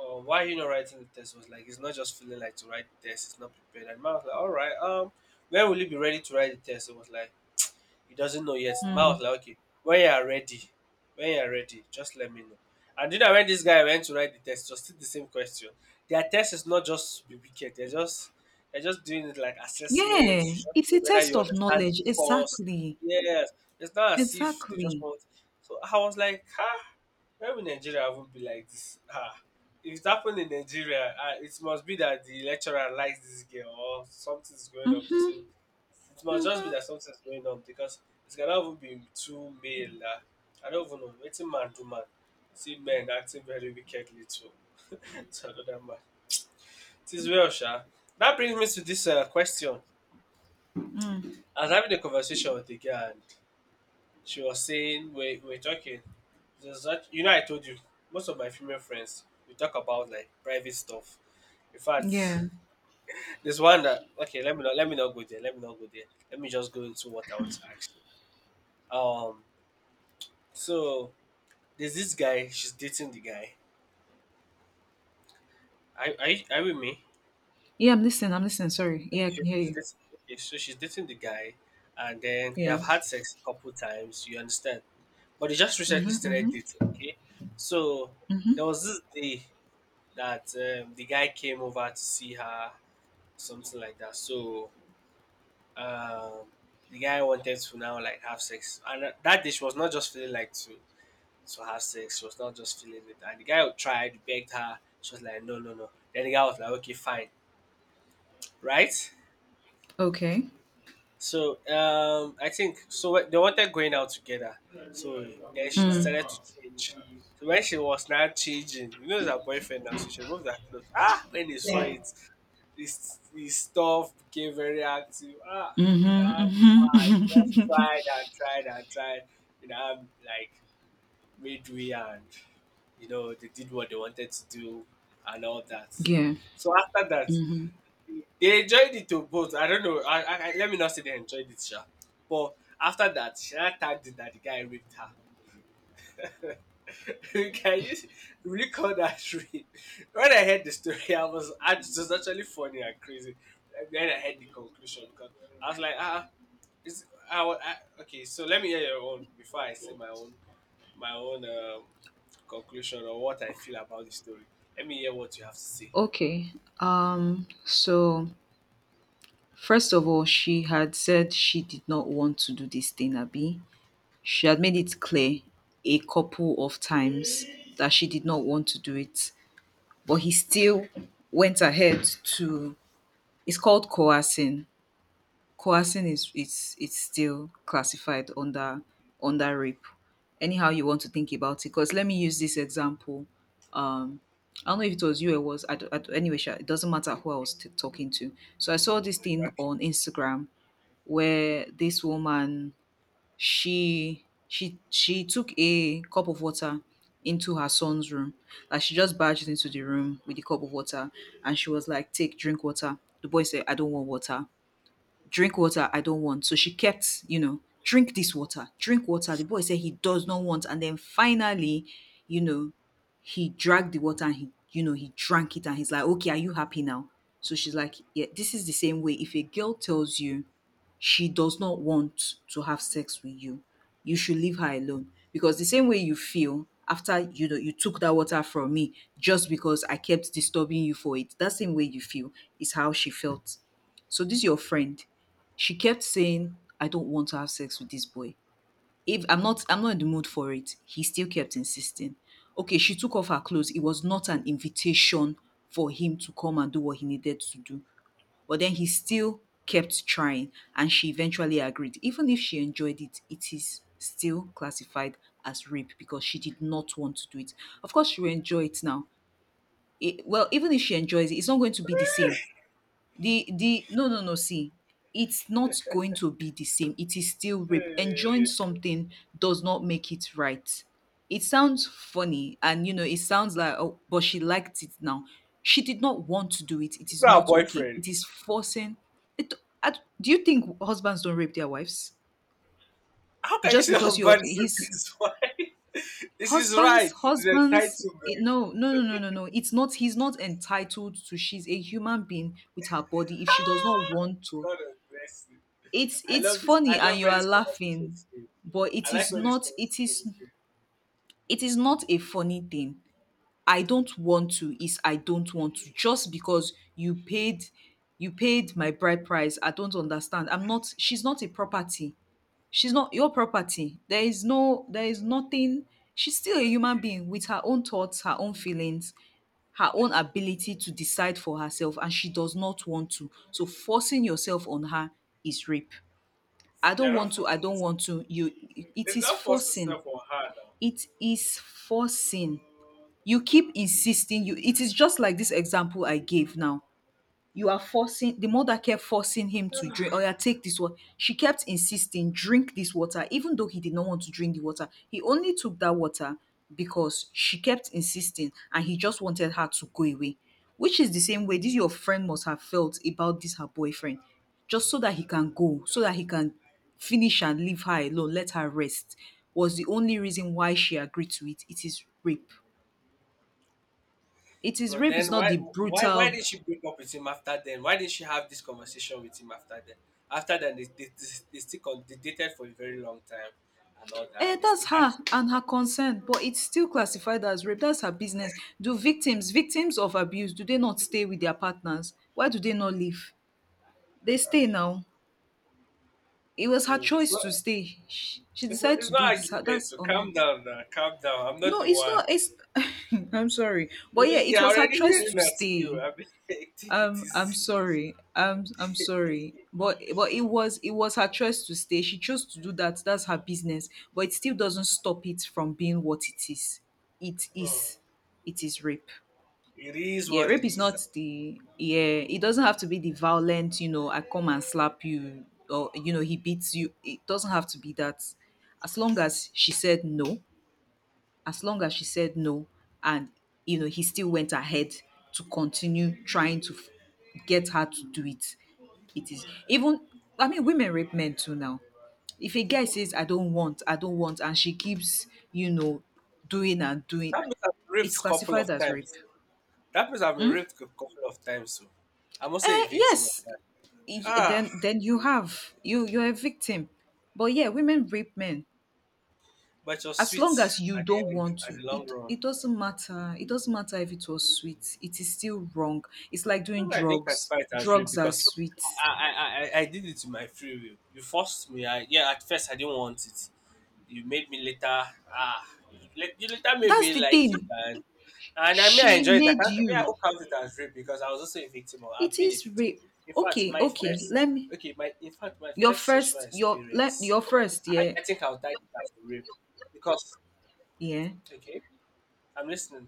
why are you not writing the test? He was like, it's not just feeling like to write the test, it's not prepared. And the man was like, all right, when will you be ready to write the test? It was like he doesn't know yet. The man
Mm.
was like, "Okay, when you are ready, just let me know." And you know when this guy went to write the test, it was still the same question. Their test is not just to be wicked. They're just doing it like assessments
Yeah.
to just
It's
know
a
whether
test
you
of
understand the
knowledge,
course.
exactly,
Yes, it's not as if they just
exactly.
want. So I was like, ah, maybe Nigeria won't be like this. Ah, if it happened in Nigeria, ah, it must be that the lecturer likes this girl or something's going on
Hmm.
between. It must just be that something's going on because it cannot even be too male. Ah. I don't even know. It's a man to man? See men acting very wickedly to (laughs) to another man. It is well, sha. That brings me to this question. I was having a conversation with a girl and she was saying we're talking. There's that you know, I told you most of my female friends we talk about like private stuff. In fact,
Yeah,
(laughs) there's one that okay. Let me not go there. Let me not go there. Let me just go into what I want to ask you. So there's this guy. She's dating the guy. Are you with me?
yeah. I'm listening. I'm listening. Sorry.
Like
Yeah, I
she-
can hear
she's
you.
dating, she's dating the guy, and then they
Yeah.
have had sex a couple times. You understand? But they just recently
Mhm,
started
mhm.
dating. Okay, so there was this day that the guy came over to see her, something like that. Um, the guy wanted to now like have sex, and that day she was not just feeling like to. So her sex, she was not just feeling it. And the guy who tried, begged her. She was like, no, no, no. Then the guy was like, okay, fine, right?
Okay.
So I think so. They wanted going out together. So then she
Mm.
decided to change. So when she was now changing, you know, it's her boyfriend now. So she removed her clothes. Ah, when he saw it, this his stuff became very active. Ah, you know,
Mhm,
I
mhm.
just tried and tried and tried. You know, I'm like midway and you know, they did what they wanted to do and all
(laughs)
that.
Yeah.
So after that,
Mhm.
they enjoyed it to both. I don't know. Let me not say they enjoyed it, Sha. But after that, Shana tagged it that the guy raped her. (laughs) Can you really call that rape? When I heard the story, it was actually funny and crazy. Then I heard the conclusion because I was like, ah, is I, wa- I okay. So let me hear your own before I say my own. My own. Conclusion or what I feel about the story. Let me hear what you have to say.
Okay. So first of all, she had said she did not want to do this thing, Abby. She had made it clear a couple of times that she did not want to do it, but he still went ahead to. It's called coercing. Coercing is it's still classified under rape. Anyhow you want to think about it. Because let me use this example. Um, I don't know if it was you or was I, anyway. Sha, it doesn't matter who I was talking to. So I saw this
I'm
thing
like,
on Instagram where this woman she took a cup of water into her son's room. Like she just barged into the room with the cup of water and she was like, "Take drink water." The boy said, "I don't want water." Drink water, I don't want. So she kept, you know, drink this water, drink water. The boy said he does not want, and then finally, you know, he dragged the water and he, you know, he drank it and he's like, "Okay, are you happy now?" So she's like, yeah, this is the same way if a girl tells you she does not want to have sex with you, you should leave her alone. Because the same way you feel after, you know, you took that water from me just because I kept disturbing you for it, that same way you feel is how she felt. So this is your friend. She kept saying, "I don't want to have sex with this boy. If I'm not, I'm not in the mood for it." He still kept insisting. Okay, she took off her clothes. It was not an invitation for him to come and do what he needed to do. But then he still kept trying and she eventually agreed. Even if she enjoyed it, it is still classified as rape because she did not want to do it. Of course, she will enjoy it now. It, well, even if she enjoys it, it's not going to be the same. The no no No, see, it's not going to be the same. It is still rape. Enjoying
hey,
something does not make it right. It sounds funny and, you know, it sounds like, oh, but she liked it now. She did not want to do it. It
it's
is
not a
not okay.
boyfriend.
It is forcing. It I, do you think husbands don't rape their wives
How can you
just
say
because you're
husband is raping
his
his wife? (laughs) This is right. The
husbands?
title, man.
No, no, no, no, no, no, it's not. He's not entitled to. She's a human being with her body. If she does not
Ah,
want to,
God bless. Mercy.
it's
I
it's
love this. I
funny and
love
you
where
are
this conversation
laughing,
is going.
but
I like where this
it
conversation
is,
is going.
it is not a funny thing. I don't want to is I don't want to. Just because you paid my bride price, I don't understand. I'm not She's not a property. She's not your property. There is nothing. She's still a human being with her own thoughts, her own feelings, her own ability to decide for herself, and she does not want to. So forcing yourself on her is rape. I
They're
don't
not
want to,
forced
I
to.
don't want to. You it
It's
is
not forced to
forcing.
sell for her now.
It is forcing. You keep insisting. You it is just like this example I gave now. You are forcing. The mother kept forcing him to drink. Oh yeah, take this water. She kept insisting, drink this water, even though he did not want to drink the water. He only took that water because she kept insisting and he just wanted her to go away. Which is the same way this your friend must have felt about this her boyfriend. Just so that he can go, so that he can finish and leave her alone, let her rest, was the only reason why she agreed to it. It is rape. It is
But
rape, it's
then
not the
why
brutal.
did she break up with him after then? Why did she have this conversation with him after then? After then they still they dated for a very long time and all that and they still
That's
had
her
sex.
and her consent, but it's still classified as rape. That's her business. Do victims, victims of abuse, do they not stay with their partners? Why do they not leave? They
Ah,
stay now. It was her
kill.
choice to stay. She decided
It's
to do it.
not
It's her-
argument,
that's
so
on her.
calm down now, calm down. I'm not
No
the
it's
one.
not it's (laughs) I'm sorry,
I
but yeah,
mean, you're
it was her
already
choice
hearing
to
that you
stay.
I mean (laughs) I think it
I'm
is
sorry. I'm sorry. But it was, it was her choice to stay. She chose to do that. That's her business. But it still doesn't stop it from being what it is. It
hmm,
is. It is rape.
it is
Yeah,
what it
rape is
is.
not the yeah. It doesn't have to be the violent. You know, I come and slap you, or you know, he beats you. It doesn't have to be that. As long as she said no, as long as she said no, and you know he still went ahead to continue trying to get her to do it. It is even, I mean, women rape men too now. If a guy says, I don't want, I don't want, and she keeps, you know doing and doing,
That means I've been
it's
raped a couple
classified
of
as rape.
times. That means I've been raped a couple of times, so I'm also a victim of
Yes.
that.
y-
Ah,
then then you have you you're a victim, but yeah, women rape men.
but you're
As long as
sweet
you
at the
don't
end,
want
at
to,
the long
it
run.
it doesn't matter. It doesn't matter if it was sweet, it is still wrong. It's like doing
Maybe I didn't
drugs.
classify it as rape
Drugs are
because
sweet.
I did it to my free will. You forced me. I yeah. At first, I didn't want it. You made me later. Ah, you later made me
That's the
like it,
thing.
and I mean I
She
enjoyed it. I
made
can't. I
you.
will count it as rape because I was also a victim. Or I've
It
been a
is
victim.
rape.
In fact,
Okay,
my
okay,
first
let me.
okay, my in fact my first sexual experience.
Your first,
I,
yeah.
I think I'll type it as rape because
Yeah.
okay, I'm listening.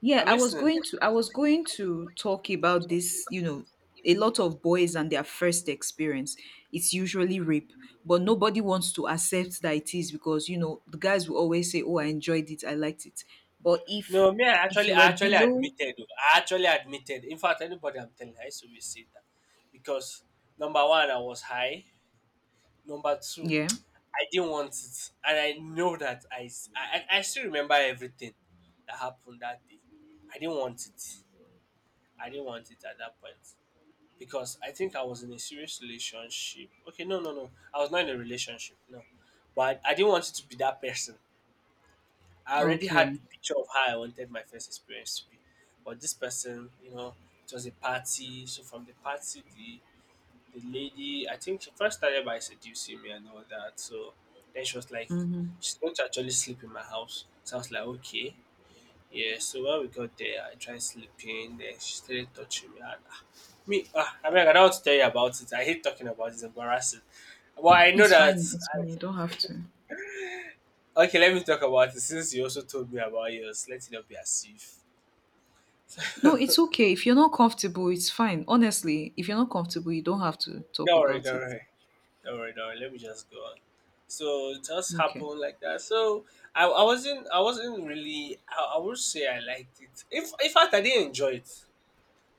Yeah,
I'm
I was
listening.
going to, I was going to talk about this, you know, a lot of boys and their first experience. It's usually rape, but nobody wants to accept that it is because, you know, the guys will always say, "Oh, I enjoyed it. I liked it." But if
No, me,
if you
I
were
actually
below,
admitted. Oh, I actually admitted. In fact, anybody I'm telling, I used to always say that because number one, I was high. Number two,
yeah.
I didn't want it, and I know that I, s- I still remember everything that happened that day. I didn't want it. I didn't want it at that point because I think I was in a serious relationship. Okay, no, no, no, I was not in a relationship. No, but I didn't want it to be that person. I already had the
Okay.
picture of how I wanted my first experience to be. But this person, you know, it was a party. So from the party, the lady, I think she first started by seducing me and all that. So then she was like,
Mhm.
she's going to actually sleep in my house. So I was like, okay. Yeah, so when we got there, I tried sleeping, then she started touching me. And ah, me, ah, I mean, I don't want to tell you about it. I hate talking about it, it's embarrassing. Well, I know
It's
that.
fine. It's fine. You don't have to.
Okay, let me talk about it since you also told me about yours. Let it not be as if (laughs)
No,
Don't
it's okay. If you're not comfortable, it's fine. Honestly, if you're not comfortable, you don't have to talk
worry,
about
don't
it.
worry, don't worry. Let me just go on. So it just
Okay.
happened like that. So I would say I liked it. If in fact I didn't enjoy it.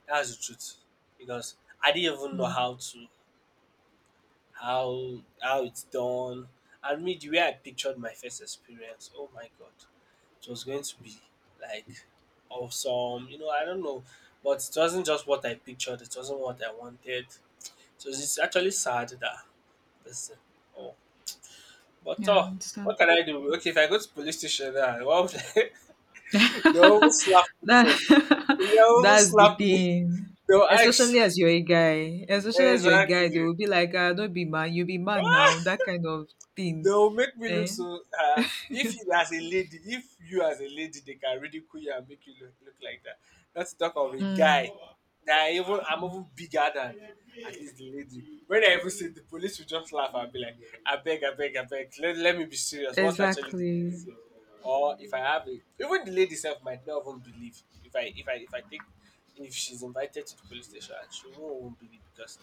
That's the truth. Because I didn't even know
Mm.
how to how it's done. I mean, the way I pictured my first experience, oh my God. It was going to be like awesome. You know, I don't know. But it wasn't just what I pictured, it wasn't what I wanted. So it's actually sad that. Listen. Oh, but
Yeah, I
oh, what
understand.
can I do? Okay, if I go to police station now, what would I,
(laughs)
(laughs) they'll even
That
slap me, sef.
(laughs)
They'll even
that's the
slap me.
thing.
They'll
Especially
ask.
as you're a guy, especially as you're a guy, they
Exactly.
will be like, ah, don't be man, you be man now,
(laughs)
that kind of
They
thing.
will make me look
Eh?
so. If you as a lady, if you as a lady, they can ridicule you and make you look, look like that. Let's talk of a
Mm,
guy. That even I'm even bigger than at least the lady. When I even see the police, will just laugh and be like, "I beg, I beg, I beg. Let, let me be serious. What's actually the case
exactly.
here?" Or if I have a, even the lady self might not even believe if I take if she's invited to the police station and she won't even believe because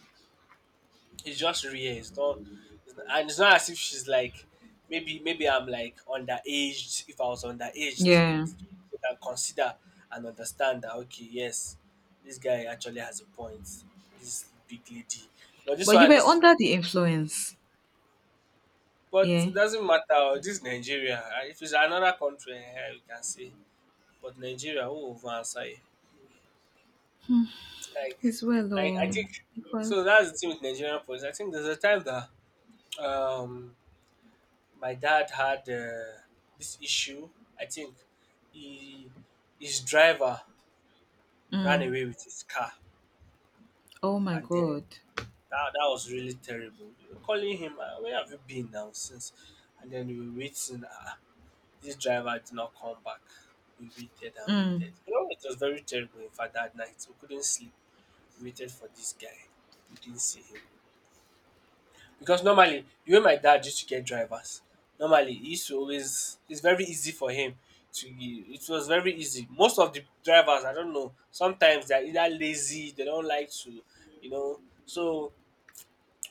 it's just real. It's not- and it's not as if she's like, maybe I'm like underaged. If I was underaged,
Yeah.
you can consider and understand that okay, yes, this guy actually has a point. This big lady, but this
But you
one
were
is,
under the influence.
but it
Yeah.
doesn't matter. Oh, this is Nigeria. Ah, if it's another country, eh, you can say, but Nigeria, who will even answer you? Like,
As well,
like I
oh,
think.
because,
So that's the thing with Nigerian police. I think there's a time that um my dad had this issue. I think he, his driver ran
mm,
away with his car,
oh my
and then
God.
that was really terrible. We were calling him, where have you been now since? And then we were waiting. This driver did not come back. We waited and
Mm,
waited. You know, it was very terrible. In fact, that night we couldn't sleep. We waited for this guy. We didn't see him. Because normally de way my dad used to get drivers, normally he used to always it's very easy for him to it was very easy. Most of the drivers I don't know, sometimes they're either lazy, they don't like to you know so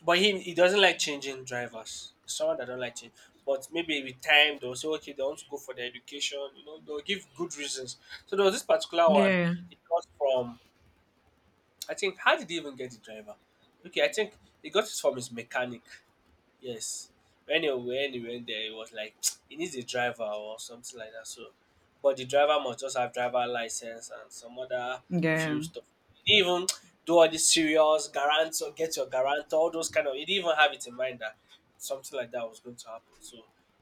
but him he doesn't like changing drivers. Someone that don't like change. But maybe with time they'll say okay they want to go for their education, you know, they'll give good reasons. So there was this particular one,
yeah.
it got from I think how did he even get the driver? Okay, I think he got it from his mechanic. Yes. When he went there, it was like (tsk) he needs a driver or something like that. So, but the driver must just have driver license and some other
Yeah.
few stuff. He didn't even (tsk) do all this serious guarantor, get your guarantor, all those kind of. He didn't even have it in mind that something like that was going to happen. So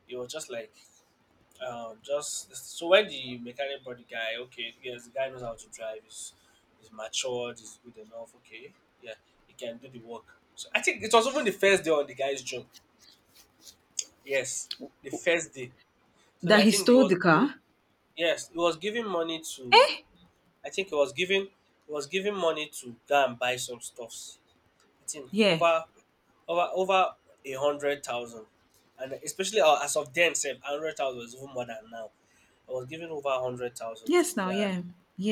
it was just like just so when the mechanic brought the guy, okay, yes, the guy knows how to drive. He's matured. He's good enough. Okay, yeah, he can do the work. So I think it was even the first day on the guy's job. Yes, the first day. So that
That
I
he
think it
stole the
was
car?
yes, it was giving money to I think it was giving. It was giving money to go and buy some stuffs. I think
Yeah.
over a hundred thousand. And especially as of then, sef, 100,000 was even more than now. I was giving over 100,000 to
Yes, now,
go
yeah.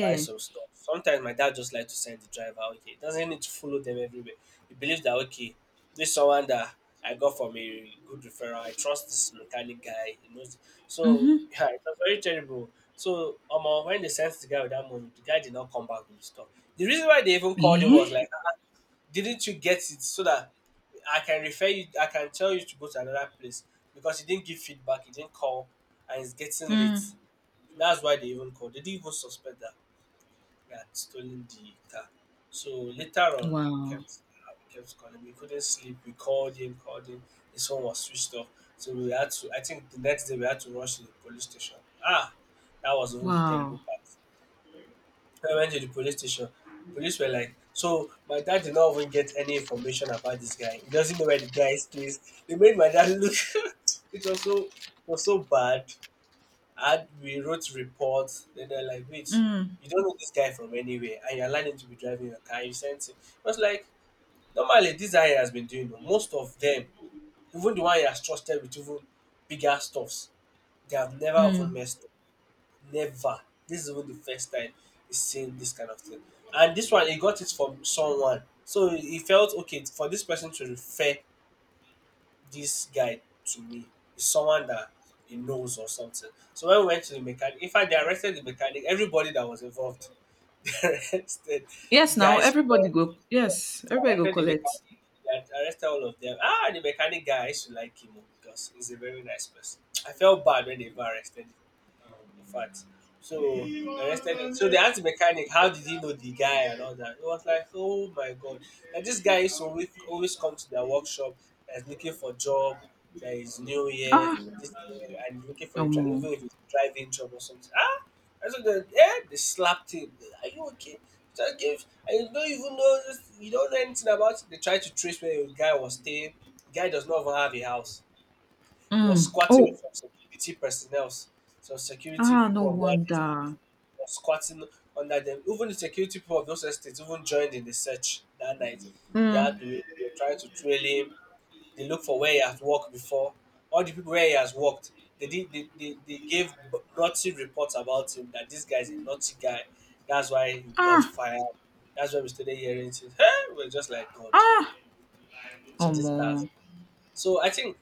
buy some stuff. Sometimes my dad just like to send the driver. Okay, he doesn't need to follow them everywhere. He believes that okay, this someone that I got from a good referral. I trust this mechanic guy. He knows. So
Mm-hmm.
(laughs) yeah, it was very terrible. So when they sent the guy with that money, the guy did not come back with the stuff. The reason why they even called him was
Yeah?
like, "Ah, didn't you get it so that I can refer you? I can tell you to go to another place because he didn't give feedback. He didn't call, and it's getting late."
Mm.
That's why they even called. They didn't even suspect that we had stolen the car. So later on,
Wow.
we kept calling. We couldn't sleep. We called him, called him. His phone was switched off. So we had to. I think the next day we had to rush to the police station. Ah, that was even the terrible
Wow.
part. When we went to the police station, police were like, "So my dad did not even get any information about this guy. He doesn't know where the guy stays." They made my dad look. (laughs) It was so it was so bad. And we wrote reports. Then they're like, "Wait,
Mm.
you don't know this guy from anywhere, and you're learning to be driving your car. You sent him." It was like, normally, this guy has been doing it. Most of them, even the one he has trusted with even bigger stuffs, they have never even
Mm.
messed up. Never. This is even the first time he's seen this kind of thing. And this one, he got it from someone. So he felt, okay, for this person to refer this guy to me is someone that he knows or something. So when we went to the mechanic, in fact, they arrested the mechanic, everybody that was involved. (laughs) They arrested the
Yes, now
guy's
everybody
friend,
go.
yeah,
Yes,
they
everybody go
arrested the
collect.
mechanic, they arrested all of them. Ah, the mechanic guy, I used to like him oh, because he's a very nice person. I felt bad when they even arrested him in fact. So they arrested him. So they asked the mechanic, how did he know the guy and all that? It was like, oh my god. That this guy is always always come to their workshop that's looking for job, that is new year,
Ah,
this year, and looking for a
no
drive,
more.
even if it's a driving job or something. Ah, I said, that, yeah, they slapped him. Are you okay? Just give, and you don't even know this, you don't know anything about it. They tried to trace where the guy was staying. The guy does not even have a house, was
Mm.
squatting with
Oh,
some security personnel, some security
ah, no
people of one estate,
wonder.
was squatting under them. Even the security people of those estates even joined in the search that night. They had
Mm.
they were trying to trail him. They looked for where he has worked before. All the people where he has worked, they did they gave naughty reports about him that this guy is a naughty guy. That's why he got
Ah,
fired. That's why we started hearing things. Hey, we're just like God.
ah,
So
no
this guy
more.
so I think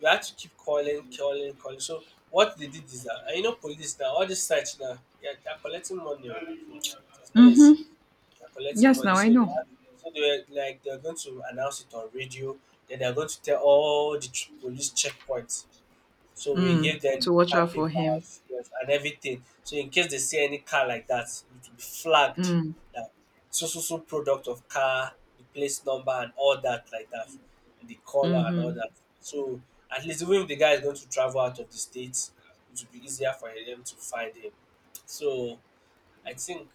we had to keep calling, calling, calling. So what they did is that, and you know, police now, all this search now, yeah, they're collecting money. Oh. Hmm, it was not easy.
Mm-hmm.
They're collecting
Yes,
money.
now I
So they
know.
had, so they were like, they're going to announce it on radio. Then they're going to tell all the police checkpoints. So we
Mm.
give them
To watch
car
out for him.
papers, yes, and everything. So in case they see any car like that, it will be flagged
Mm.
that so so so product of car, the place number and all that like that, and the color and all
Mm-hmm.
that. So at least even if the guy is going to travel out of the states, it will be easier for them to find him. So I think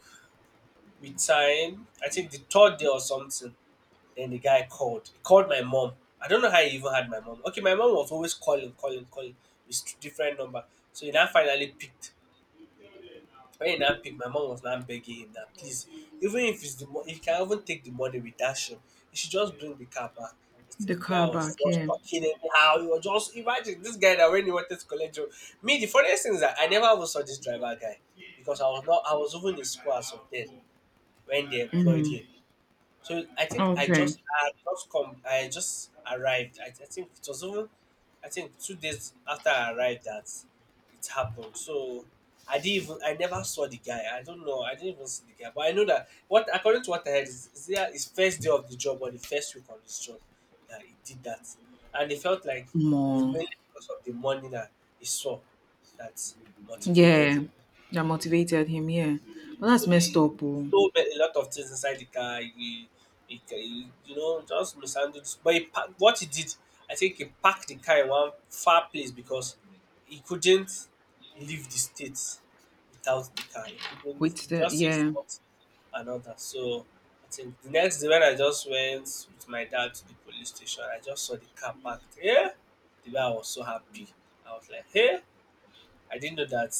with time, I think the third day or something, then the guy called. He called my mom. I don't know how he even had my mom. Okay, my mom was always calling, calling, calling, with different number. So he now finally picked. When he now picked, my mom was now begging him that please, even if it's the if you can even take the money with Dash, he should just bring the car back. It's
The
the guy
car
was
back,
just
yeah.
talking anyhow. He was just imagine this guy that when he wanted to collect job. Me, the funniest thing is that I never even saw this driver guy because I was not I was even in school as of then when they employed
Mm.
him. So I think
Okay.
I just come I just arrived. I think it was even I think 2 days after I arrived that it happened. So I didn't even I never saw the guy. I don't know. I didn't even see the guy. But I know that what according to what I heard is there his first day of the job or the first week on his job that he did that. And it felt like it's
More.
mainly because of the money that he saw that motivated
Yeah.
him.
That
Mm.
motivated him, yeah. But
So
that's messed
he
up. Oh.
stole a lot of things inside the car. He, he you know, just mishandled. But he packed, what he did, I think he parked the car in one far place because he couldn't leave the state without the car. He couldn't
With the
just six
yeah.
months and all that. So I think the next day when I just went with my dad to the police station, I just saw the car parked. Yeah, the guy was so happy. I was like, hey, I didn't know that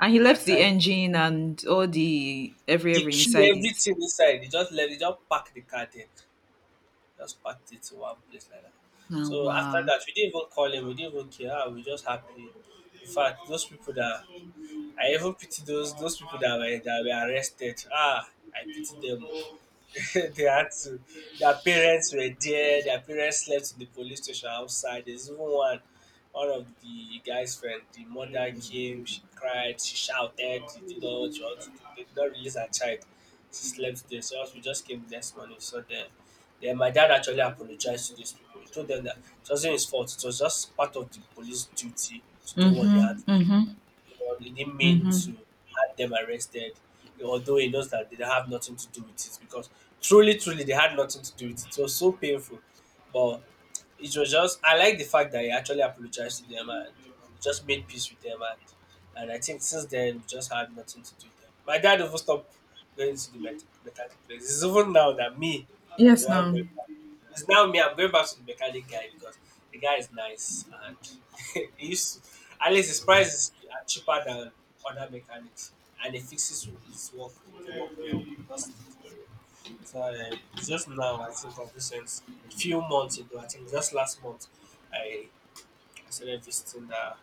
And he
I
left the
can
engine and all the every
the
every
key,
inside it.
everything inside. They just let, they just pack the car there. Just packed it to one place like that.
Oh,
So after
wow.
that, we didn't even call him. We didn't even care. Ah, we were just happy. In fact, those people that I even pity those people that were arrested. Ah, I pity them. Oh. (laughs) They had to their parents were there, their parents slept in the police station outside. There's even one one of the guy's friend, the mother came, she cried, she shouted, she did all what she wanted to do. They did not release her child. She slept there, so as we just came the next morning. So then my dad actually apologized to those people. He told them that it wasn't his fault, it was just part of the police duty to do what they had.
Mhm. Mhm.
Well, he didn't mean to
Mhm.
have them arrested, although he knows that they have nothing to do with it, because truly, truly, they had nothing to do with it. It was so painful, but it was just. I like the fact that he actually apologized to them and just made peace with them, and I think since then we just had nothing to do with them. My dad even stopped going to the mechanic place. It's even now that me, I'm the
Yes,
one
now.
going. Back. It's now me. I'm going back to the mechanic guy because the guy is nice and (laughs) he used to at least his price is cheaper than other mechanics, and he fixes his work the work well. That's so it's just now I think of recent few months ago. I think just last month I I started visiting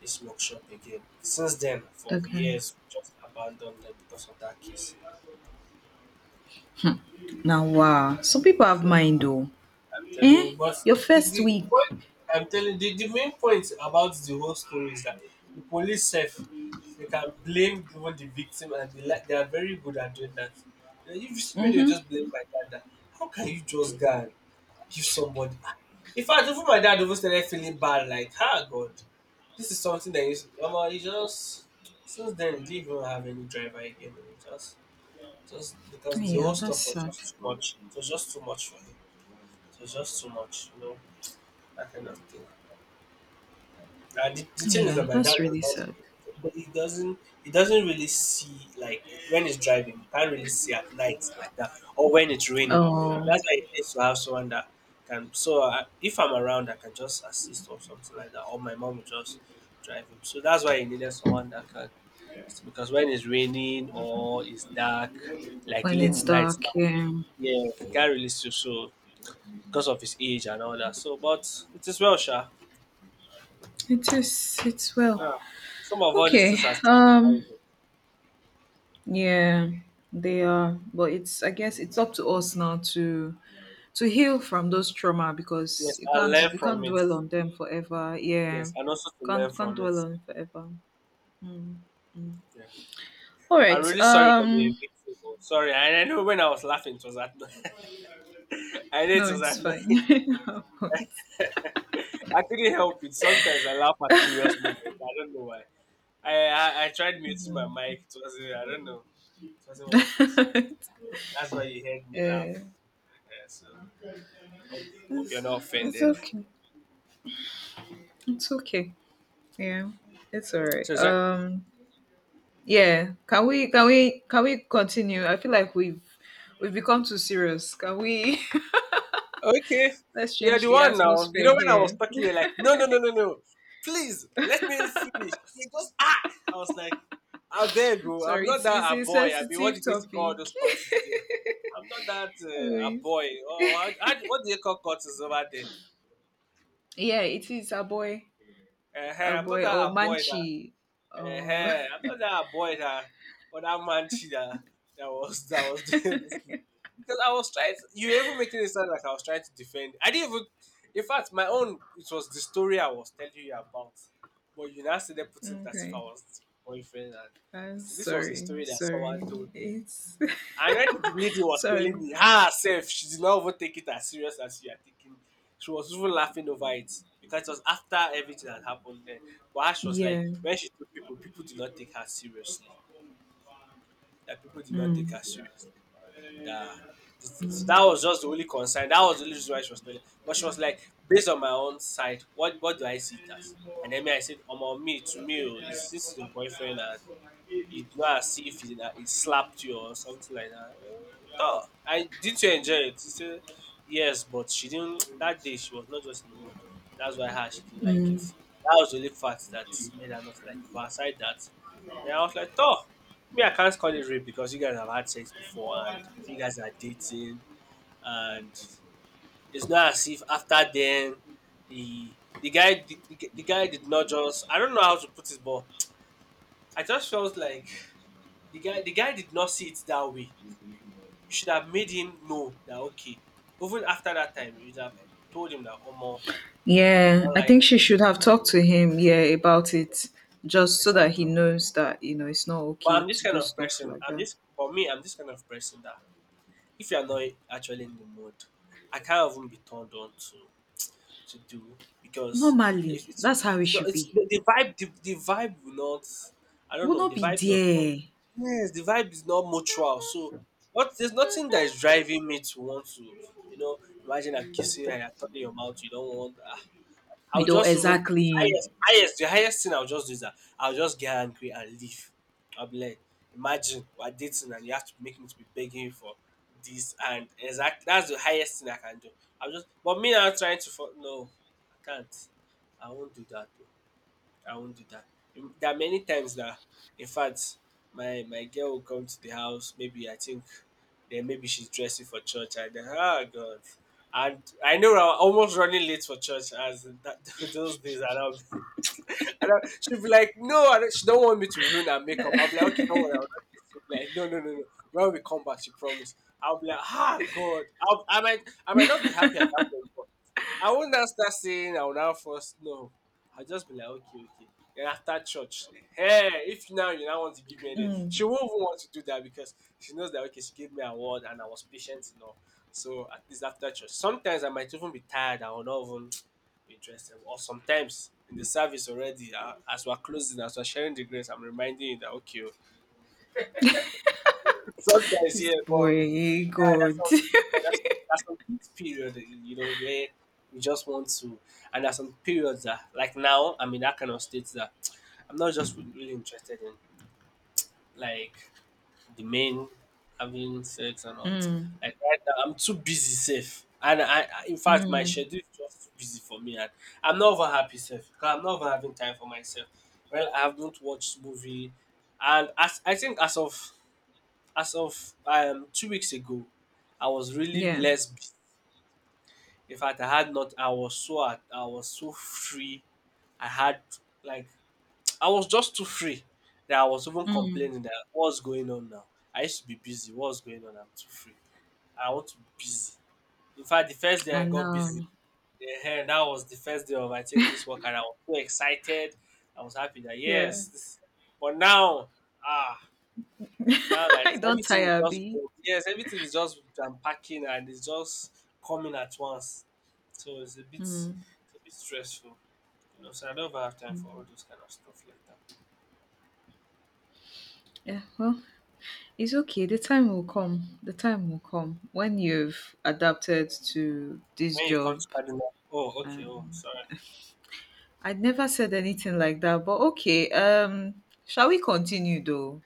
the smoke shop again. Since then, for
Okay.
years, we just abandoned them because of that case.
Now, wow. Some people have
So
mind though.
I'm telling you,
Eh?
but
Your
the,
first
the
week.
point I'm telling the main point about the whole story is that the police self they can blame even the victim, and they like they are very good at doing that. You know, if you see where they
Mhm.
just blame my dad that how can you just go and give somebody ah. In fact even my dad even started feeling bad like ah God this is something that is Mama, he just since then he didn't even have any driver again and he just because the whole
Yeah, that's
stuff was
sad.
just too much. It was just too much for him. It was just too much, you know, that kind of thing. And the thing is
Yeah,
that my dad
that's
does
really
not,
sad.
but he doesn't really see like when he's driving, he can't really see at night like that, or when it's raining.
Oh,
That's why it needs to have someone that can. So I, if I'm around, I can just assist or something like that, or my mom will just drive him. So that's why he needed someone that can, because when it's raining or it's dark, like
when
late
it's
Mm. nights
dark.
now,
Yeah.
yeah, he can't really see. So because of his age and all that. So, but it is well, Sha.
It is. It's
Ah,
well.
some of all these
Okay.
things are
Um.
traumatizing.
Yeah, they are. But it's I guess it's up to us now to heal from those trauma, because
Yes,
you
I
can't
learn
you
from
can't
it.
dwell on them forever.
Yes,
Yeah.
and also to learn
Can't
from
dwell
it.
on it forever. Mm.
Yeah.
All
I'm
right.
really sorry that you're a victim. Oh. Sorry, I know when I was laughing, it was annoying. (laughs) I know it
No,
was
it's fine. (laughs)
annoying.
I (laughs)
(laughs) I couldn't help it. Sometimes I laugh at serious moments. I don't know why. I tried muting my mic. It wasn't. I don't know. It wasn't working. So that's why you heard me laugh.
yeah.
Yeah, so hope, hope you're
It's,
not
it's
offended.
okay. It's okay. Yeah. It's all right.
So is there
Yeah. Can we continue? I feel like we've become too serious. Can we (laughs)
okay.
let's
You're
change
the
the
one now. You
atmosphere
know when I was
here.
talking, you're like, no, no, no, no, no. Please let me finish. He just ah. I was like, I beg
(laughs)
you, I'm
Sorry,
not
it's
that a
a
boy. I mean, what
sensitive
do they used to call
topic.
those
(laughs)
cutters there? I'm not that a boy.
Anyways.
Oh, how, what do they call cutters over there?
Yeah, it is a
I'm not
boy, or
that a boy that
manchi. Oh,
ehen, I thought that boy that or that man that that was (laughs) doing this thing. Because I was trying to, you were even making it sound like I was trying to defend. I didn't even in fact my own it was the story I was telling you about. But you now started putting it
(laughs)
as if I
okay,
was the boyfriend and you
I'm
see, this was a
sorry,
story that someone
sorry.
told me.
It's
And when the lady
(laughs)
was
sorry.
telling me herself, she did not even take it as serious as you are taking. She was even laughing over it because it was after everything had happened then. But her, she was
Yeah.
like, when she told people, people did not take her seriously. That people did not take
Mm,
her seriously. That this thing. So that was just the only concern. That was the only reason why she was telling. But she was like, based on my own side, what do I see it as? And then me, I said, on me, to me, oh, it's- this is your boyfriend and you go as if it, it slapped you or something like that. Oh, I did you enjoy it? He said yes, but she didn't. (tsk) That day she was not just in the mood. That's why her she didn't like
mm.
it. That was the only fact that made her not like it. But aside that, then I was like, oh, me I can't call it rape because you guys have had sex before and you guys are dating and it's not as if after then the the guy did not just I don't know how to put it, but I just felt like the guy did not see it that way. You should have made him know that okay, even after that time, you'd have told him that oh more, you do
Yeah,
not
I
like
think she should have talked to him, yeah, about it, just so that he
exactly.
knows that, it's not
But
okay
I'm this
to
kind
do
of
stuff
person.
like
I'm
that.
this for me, I'm this kind of person that if you're not actually in the mood, I can't even be turned on to do because it's
Normally,
it's,
that's how it
it's not,
should
it's
be.
the vibe will not I don't
We'll
know
not
the
be
vibe does not
there.
yes the vibe is not mutual so what there's nothing that is driving me to want to you know imagine I'm kissing you and you're turning your mouth you don't want ah,
We
I'll
don't
just even
exactly.
the highest thing I'll just do is that I'll just get angry and leave. I'll be like, imagine we're dating and you have to make me to be begging for this and exactly that's the highest thing I can do. I'll just but me now trying to fo- no, I can't. I won't do that. I won't do that. There are many times that, in fact, my girl will come to the house. Maybe I think, then maybe she's dressing for church, and then oh god, and I know I'm almost running late for church as that, (laughs) those days are now and I, she'd be like, no, and she don't want me to ruin her makeup. I'll be like, okay, don't worry. I'll not kiss you." Be like, no, no, no, no. When we come back, she promised. I'll be like, ah, God. I'll, I might not be happy at that point, but I won't now start saying I will now first. No, I'll just be like, okay, okay. Then after church, hey, if now you now want to give me anything, she
Mm.
won't even want to do that because she knows that okay, she gave me a word and I was patient enough. So at least after church, sometimes I might even be tired. I will not even interested or sometimes in the service already, as we're closing, as we're sharing the grace, I'm reminding you that okay, oh, (laughs) sometimes
This
yeah, but
boy, eh,
yeah, that's
God.
some
(laughs)
yeah, that's some kids period, you know, where we just want to, and there's some periods that like now I'm in that kind of state that I'm not just really interested in, like the men having sex and all.
Mm.
Like right now, I'm too busy sef and I in fact my
Mm.
schedule is just too busy for me and I'm not even happy sef because I'm not even having time for myself. Well, I haven't watched movie and as I think as of as of 2 weeks ago, I was really
Yeah.
less busy. In fact, I had not I was so at I was so free. I had like I was just too free that I was even
Mm.
complaining that what's going on now? I used to be busy. What's going on? I'm too free. I want to be busy. In fact, the first day
I
I got busy,
know.
eh, that was the first day of I think this work, and I was so excited. I was happy that
Yeah.
yes, this, but now ah now
(laughs)
like
I
this,
don't
everything is
tire,
just
B.
full. Yes, everything is just unpacking and it's just coming at once. So it's
Mm.
a bit stressful, you know. So I don't even have time for all those kind of stuff like that.
Yeah. Well, it's okay. The time will come. The time will come when you've adapted to this
When it
job.
comes to cardinal oh okay oh
Um,
sorry
I never said anything like that, but okay. Shall we continue though?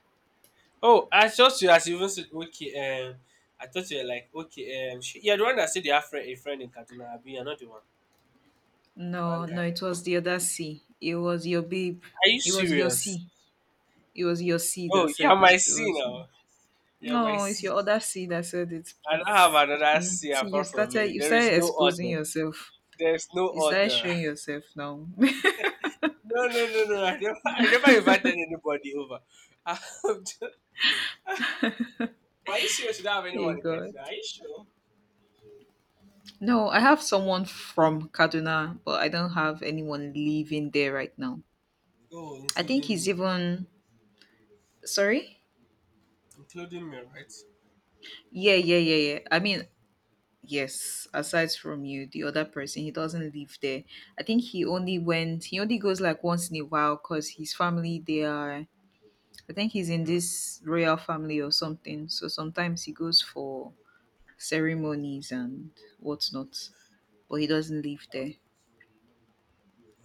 oh I thought you as you even said okay I thought you were like okay she, you're the one that said you have friend, a friend in Kaduna abi you're not the one one
No,
guy
no, it
like
was the other C. It was your babe.
are you
It was your
serious
C. It was your seed that
oh you're
said
my
that.
C
It was
now you're my
No, it's
C
your other seed that said it,
I don't have
please.
another
Mm.
C
See,
apart from you
you
there is
started
no
exposing
other
yourself.
there's no
You started
other (laughs)
showing yourself now. (laughs)
no, I never invited anybody over (laughs) I'm just- but are you serious you don't have
Hey
anyone in
God.
Kaduna are you sure
No, I have someone from Kaduna, but I don't have anyone living there right now.
oh
I think he's even, sorry?
including me right.
Yeah, yeah, yeah, yeah. I mean, yes, aside from you, the other person, he doesn't live there. I think he only goes like once in a while because his family, they are I think he's in this royal family or something. So sometimes he goes for ceremonies and whatnot, but he doesn't live there.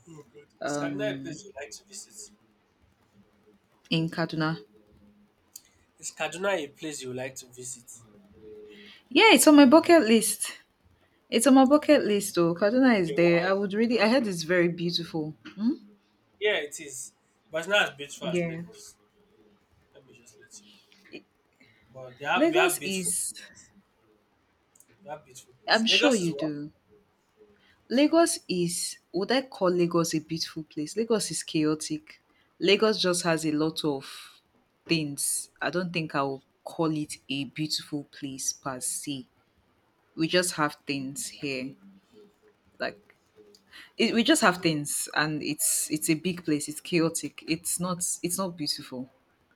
Oh God. Is Kaduna a
Um,
place you like to visit?
in Kaduna.
Is Kaduna a place you like to visit?
Yeah, it's on my bucket list. It's on my bucket list, though. Kaduna is
Okay,
there. I
why?
would really. I heard it's very beautiful. Hmm?
Yeah, it is. But it's not as beautiful as
Yeah,
Lagos. Let me just let you know. But they have, we have
Lagos
beautiful
is.
places. We have beautiful places.
I'm sure
Lagos is
you
what?
do. Lagos is would I call Lagos a beautiful place? Lagos is chaotic. Lagos just has a lot of things. I don't think I will call it a beautiful place per se. We just have things here. Like it, we just have
Okay.
things, and it's a big place. It's chaotic. It's not beautiful.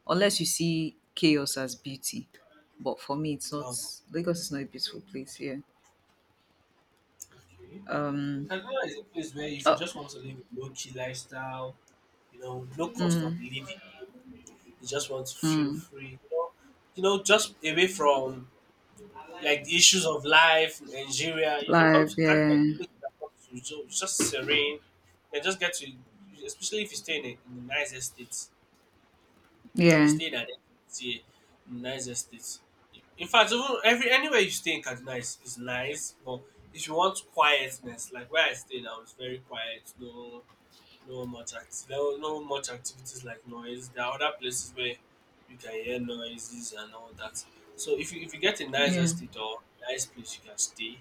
Unless you see chaos as beauty. But for me it's not
No.
Lagos is not a beautiful place, yeah.
Okay.
Um
Kaduna is a place where if you
oh,
just want to live a low key lifestyle, you know, no cost of
mm,
living, you just want to feel
mm,
free, you know, just away from like the issues of life, Nigeria. You can come
live,
to Canada
yeah.
with that come to so it's just serene and just get to, especially if you stay in a, in the nice estate. If you
Yeah,
stay in an estate, in a nice estate. In fact, even every anywhere you stay in Kaduna is nice, but if you want quietness, like where I stay now, it's very quiet. No no much act. No no much activities like noise. There are other places where you can hear noises and all that. So if you get a nice
yeah,
estate or nice place you can stay.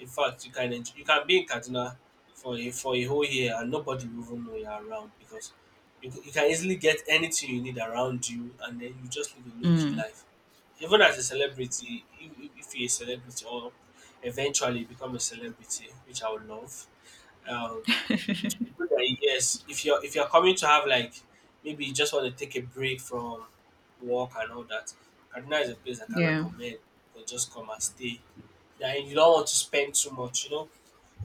In fact, you can enjoy, you can be in Kaduna for a whole year and nobody will even know you're around because you, c- you can easily get anything you need around you and then you just live a low key
mm,
life. Even as a celebrity, if you're a celebrity or eventually become a celebrity, which I would love, um, good idea, yes, if you're coming to have like maybe you just want to take a break from work and all that, Kaduna is a place I can
yeah.
recommend. Or just come and stay. Then you don't want to spend too much, you know.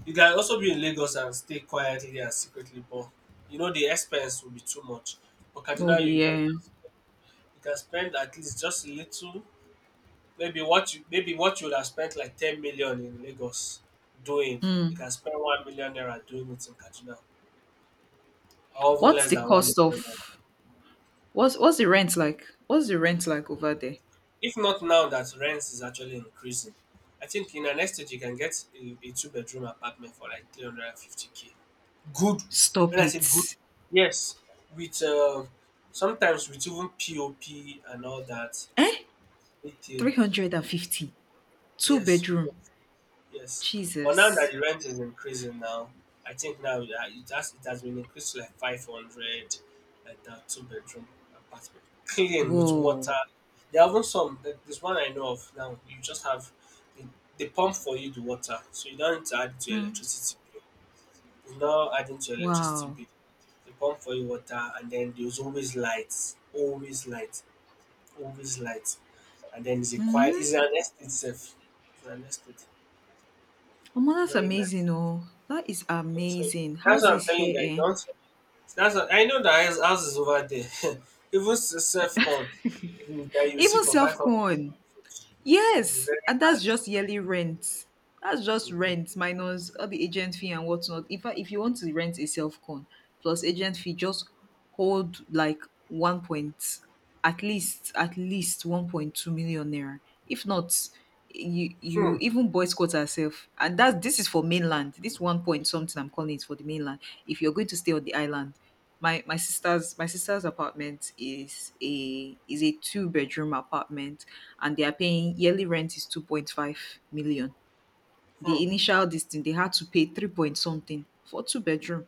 You can also be in Lagos and stay quietly and secretly, but you know the expense will be too much. But
Will
Kaduna,
be
you can
yeah.
just you can spend at least just a little, maybe what you would have spent like 10 million in Lagos doing, you
Mm.
can spend 1 million naira doing it in Kaduna or even
What's
less
the
than one
cost
million naira.
of what's the rent like? What's the rent like over there?
If not now that rent is actually increasing, I think in the next you can get a two-bedroom apartment for like 350k. Good. When
Stop
I say good,
it.
yes, with sometimes with even POP and all that.
Eh?
With, uh,
350. Two
yes,
bedroom.
yes, but now that
Jesus.
the rent is increasing now, I think now it has been increased to like 500, like that two-bedroom apartment, clean with water.
Whoa.
There are even some. There's one I know of now. You just have the, they pump for you the water, so you don't need to add it to your
Mm.
electricity bill. It's not adding to your electricity
Wow.
bill. They pump for you water, and then there's always lights, always lights, always lights, and then it's a quiet.
Mm-hmm.
It's an estate itself. It's an estate.
Oh, that's
Very nice.
amazing. Oh, that is
Yeah, so
amazing.
that's what I'm
Houses
telling you
here,
that
eh?
Johnson. That's what, I know that his house is over there. (laughs) Even self con that you see
Even
for five
self
hundred,
corn.
it's
Yes,
very
and that's
hard.
just yearly rent. That's just
Hmm.
rent minus all the agent fee and whatnot. If you want to rent a self con plus agent fee, just hold like one point, at least 1.2 million naira. If not, you
Hmm.
even boycott yourself. And that's this is for mainland. This one point something I'm calling is for the mainland. If you're going to stay on the island, my my sister's apartment is a two-bedroom apartment, and they are paying yearly rent is 2.5 million.
Hmm.
The initial distance they had to pay 3 point something for two bedroom,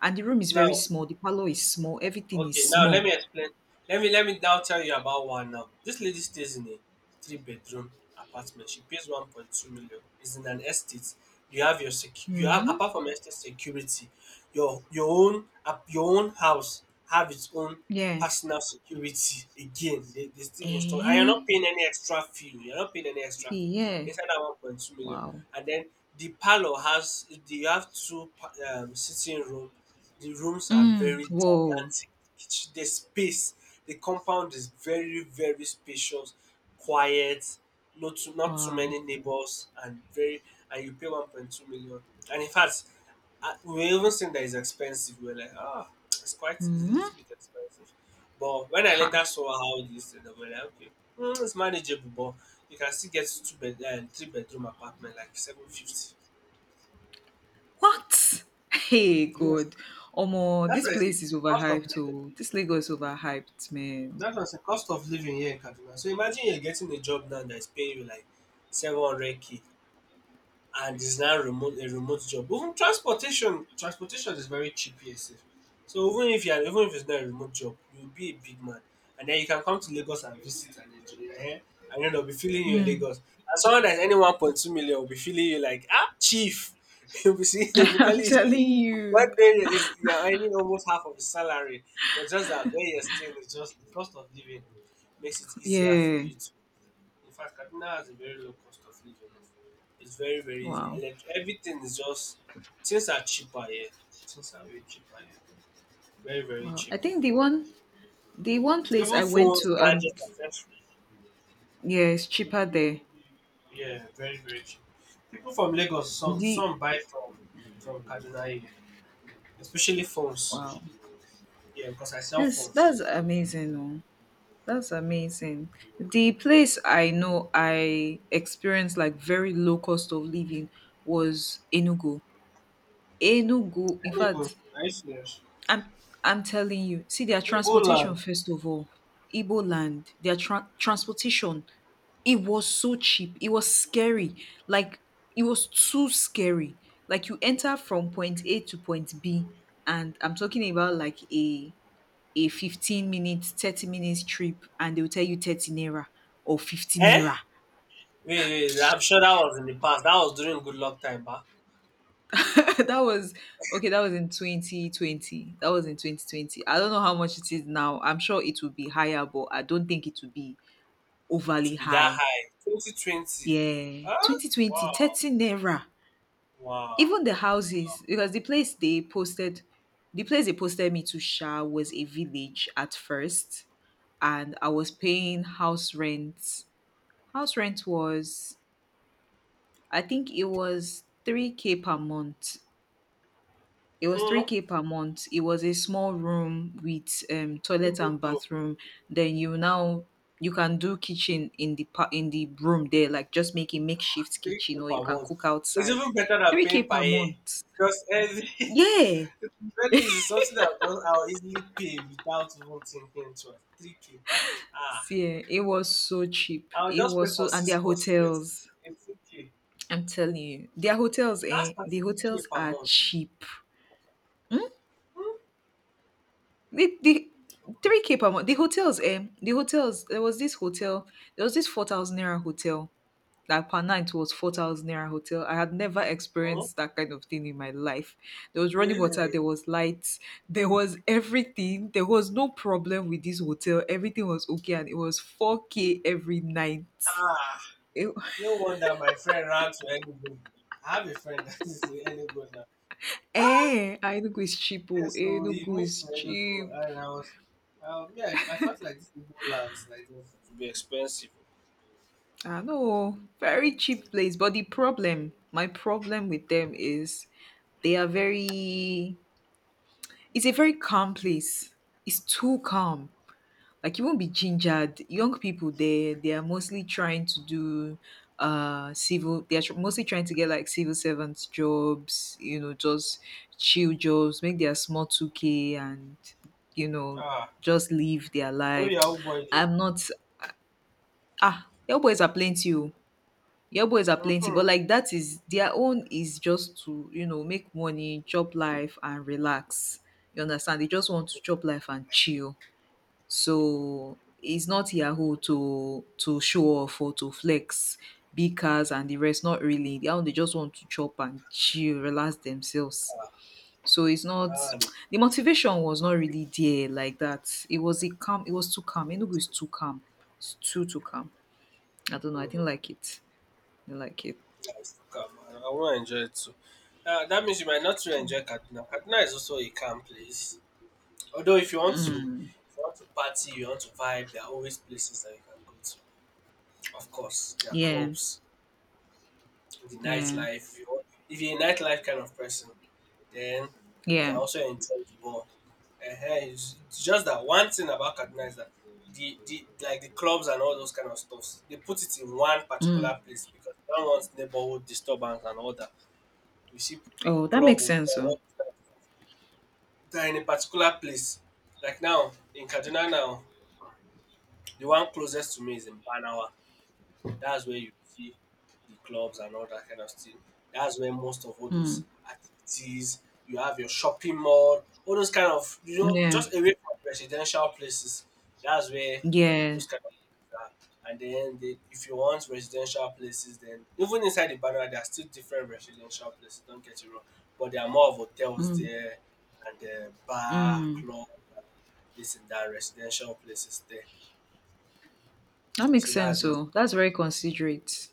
and the room is very
Now
small, the parlor is small, everything is
Okay, now let
small.
me explain. Let me now tell you about one now. This lady stays in a three-bedroom apartment. She pays 1.2 million. It's in an estate. You have
Hmm.
apart from estate security, your own house have its own
Yeah.
personal security. Again, they still install, and you're not
Eh.
paying any extra fee. You're not paying any extra
Yeah.
fee inside that 1.2 million.
Wow.
And then the parlor has you have two sitting room. The rooms are
Mm.
very
Whoa.
gigantic. It's, the space, the compound is very, very spacious, quiet, not too
Wow.
many neighbors, and you pay 1.2 million. And in fact, we were even saying that it's expensive. We were like, ah, it's a
Hmm.
little bit expensive. But when I
Ha.
later saw how this thing, I was like, okay, it's manageable, but you can still get two bed and three-bedroom apartment like 750.
What? (laughs) Hey
Yes.
God. Omo,
That's
this
why I say
place is
cost of
overhyped
living.
oh. This Lagos overhyped, man.
That was the cost of living here in Kaduna. So imagine you're getting a job now that is paying you like 700K, and it's now remote a remote job. Even transportation is very cheap here sef. So even if you are, even if it's not a remote job, you'll be a big man, and then you can come to Lagos and visit and enjoy. Eh? And then they'll be feeling you in
Mm.
Lagos. And someone that's any 1.2 million will be feeling you like ah chief. (laughs) You'll be seeing,
(laughs)
you'll be
I'm
calling you.
telling you.
One thing is you're earning almost half of the salary, but just that where you're staying is just the cost of living makes it easier for
Yeah.
you to. In fact, Kaduna has a very low cost of living. It's very very easy.
Wow.
Everything is just things are cheaper here. Things are way cheaper here. Very very
Wow.
cheap.
I think the one place
Even
I went
phones,
to and
gadgets, accessories.
yeah, it's cheaper there.
Yeah, very very cheap. People from Lagos, some
The
some buy from Kaduna here, especially phones.
wow.
Yeah, because I sell phones.
That's amazing. Oh. That's amazing. The place I know I experienced like very low cost of living was Enugu. Enugu,
I
in
don't even-
fact,
Are you serious?
I'm I'm telling you. See their
Igbo
transportation
land.
first of all. Igbo land, their transportation, it was so cheap. It was scary. Like it was too scary. Like you enter from point A to point B, and I'm talking about like a 15 minutes, 30 minutes trip, and they'll tell you 30 naira or 15
Eh?
naira.
Wait, wait. I'm sure that was in the past. That was during good luck time, bah.
(laughs) That was okay, that was in 2020. That was in 2020. I don't know how much it is now, I'm sure it will be higher, but I don't think it will be
Not to
overly
be that
high.
high. 2020.
Yeah.
Huh?
2020,
Wow.
30 naira.
Wow.
Even the houses, because the place they posted me to Sha was a village at first. And I was paying house rent. House rent was, I think it was 3K per month. It was
Hmm.
3K per month. It was a small room with toilet
People
and
do.
bathroom. Then you now you can do kitchen in the in the room there, like just make a makeshift
Thank
kitchen
you
or
per
you can
month.
cook
It's
outside.
even better than paying
3K
per
per
year.
month.
Because every (laughs)
Yeah.
it's very easy. Something that I'll easily pay without even thinking twice. 3K. Ah.
Yeah, it was so cheap.
I'll
It
just pay
was
for
so and
six
their
months straight.
hotels.
18K.
I'm telling you, their hotels,
That's
eh? The
32K
hotels
per
are
month.
cheap.
Hmm?
The 3K per month. The hotels, eh? The hotels, there was this hotel, there was this 4,000 naira hotel. Like per night was 4,000 naira hotel. I had never
Hmm?
experienced that kind of thing in my life. There was running water,
Hey.
there was lights, there was everything. There was no problem with this hotel. Everything was okay, and it was 4K every night.
Ah.
It,
No wonder my friend ran to Enugu. I have a friend (laughs) that is in Enugu now. Ah,
eh, Enugu is cheap. Oh,
yes. So he
Enugu
moved
is
to Enugu,
cheap.
and I was, yeah, I felt like this Enugu lands like it would be expensive.
I know, very cheap place. But the problem, my problem with them is they are very. It's a very calm place. It's too calm. Like you won't be gingered. Young people, they are mostly trying to do civil. They are mostly trying to get like civil servants jobs. You know, just chill jobs, make their small 2K, and you know,
Ah,
just live their
oh
life.
yeah, oh
(sniffs)
boy,
(tsk)
there.
I'm not ah. Your boys are plenty. Oh. Your boys are plenty,
Mm-hmm.
but like that is their own is just to make money, chop life, and relax. You understand? They just want to chop life and chill. So it's not Yahoo to show off or to flex big cars and the rest. Not really. They just want to chop and chill, relax themselves. So it's not
Ah,
(tsk) the motivation was not really there like that. It was a calm. It was too calm. Enugu is too calm. It's too, too calm. I don't know. I didn't like it. I didn't like it.
nice. To Come on, I want to enjoy it too. That means you might not really enjoy Kaduna. Kaduna is also a calm place. Although if you want to,
Mm.
if you want to party, you want to vibe, there are always places that you can go to. Of course, there are
Yeah.
clubs the
Yeah.
nightlife. If you're a nightlife kind of person, then you can
Yeah.
also enjoy football. Ehen, it's just that one thing about Kaduna is that the clubs and all those kind of stuffs, they put it in one particular
Mm.
place because they don't want neighborhood disturbance and all that. You see
Oh, that
club
makes
with
sense.
all
Oh.
those kind of stuff. They're in a particular place. Like now in Kaduna now, the one closest to me is in Banawa. That's where you see the clubs and all that kind of thing. That's where most of all those
Mm.
activities, you have your shopping mall, all those kind of, you know,
Yeah.
just away from residential places. That's where
Yeah.
those kind of things are. And then if you want residential places, then even inside the banner, there are still different residential places, don't get it wrong. But there are more of hotels
Mm.
there and bar,
Mm.
club, this and that, residential places there.
That
So
makes
that's
sense
just.
oh. That's very considerate.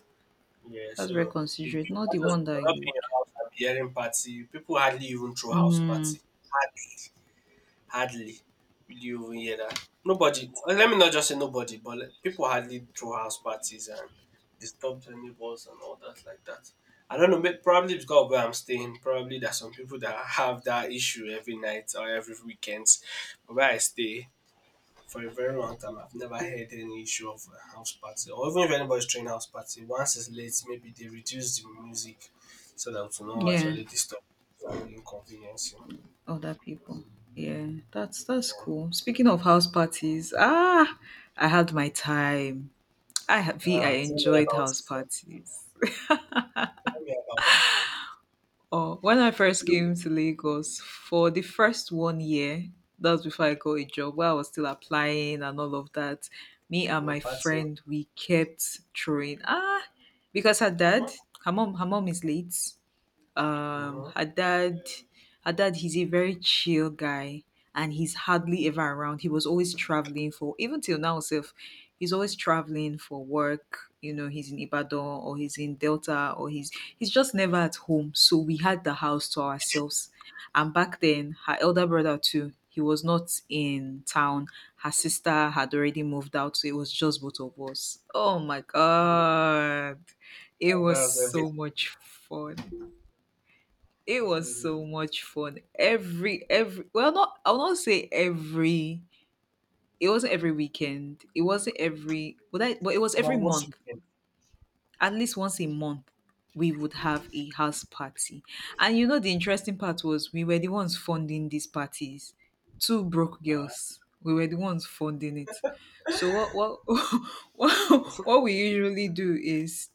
Yeah,
That's very
so you,
considerate.
you
Not the
can't just
one
you
that
up in
you'd
your house and be hearing party. People hardly even throw house party.
mm,
Hardly, hardly. Will you even hear that? Nobody. Let me not just say nobody, but like, people hardly throw house parties and disturb their neighbors and all that like that. I don't know. Probably because of where I'm staying. Probably there's some people that have that issue every night or every weekends. But where I stay, for a very long time I've never heard any issue of a house party or even if anybody's throwing house party, once it's late, maybe they reduce the music so that to not
yeah,
actually disturb and inconvenience him.
other people. Yeah, that's
Yeah.
cool. Speaking of house parties, I had my time.
Ah,
I
tell me
enjoyed
about
house
it now.
parties.
Tell me about it
Oh, when I first
now.
came to Lagos for the first one year, that was before I got a job, while I was still applying and all of that, me
You
and
were
my
partying.
friend, we kept throwing, because her dad,
Mm-hmm.
her mom is late.
Mm-hmm.
Her dad, he's a very chill guy, and he's hardly ever around. He was always traveling, for even till now self. He's always traveling for work. You know, he's in Ibadan, or he's in Delta, or he's just never at home. So we had the house to ourselves. And back then, her elder brother too, he was not in town. Her sister had already moved out, so it was just both of us. Oh my god, it
Ah,
was
that's every
so much fun. It was so much fun. Every well, not I'll not say every. It wasn't every weekend. It wasn't every. But it was every
but most
month.
weekend.
At least once a month, we would have a house party. And you know, the interesting part was we were the ones funding these parties. Two broke
Uh,
girls. We were the ones funding it. So what (laughs) what we usually do is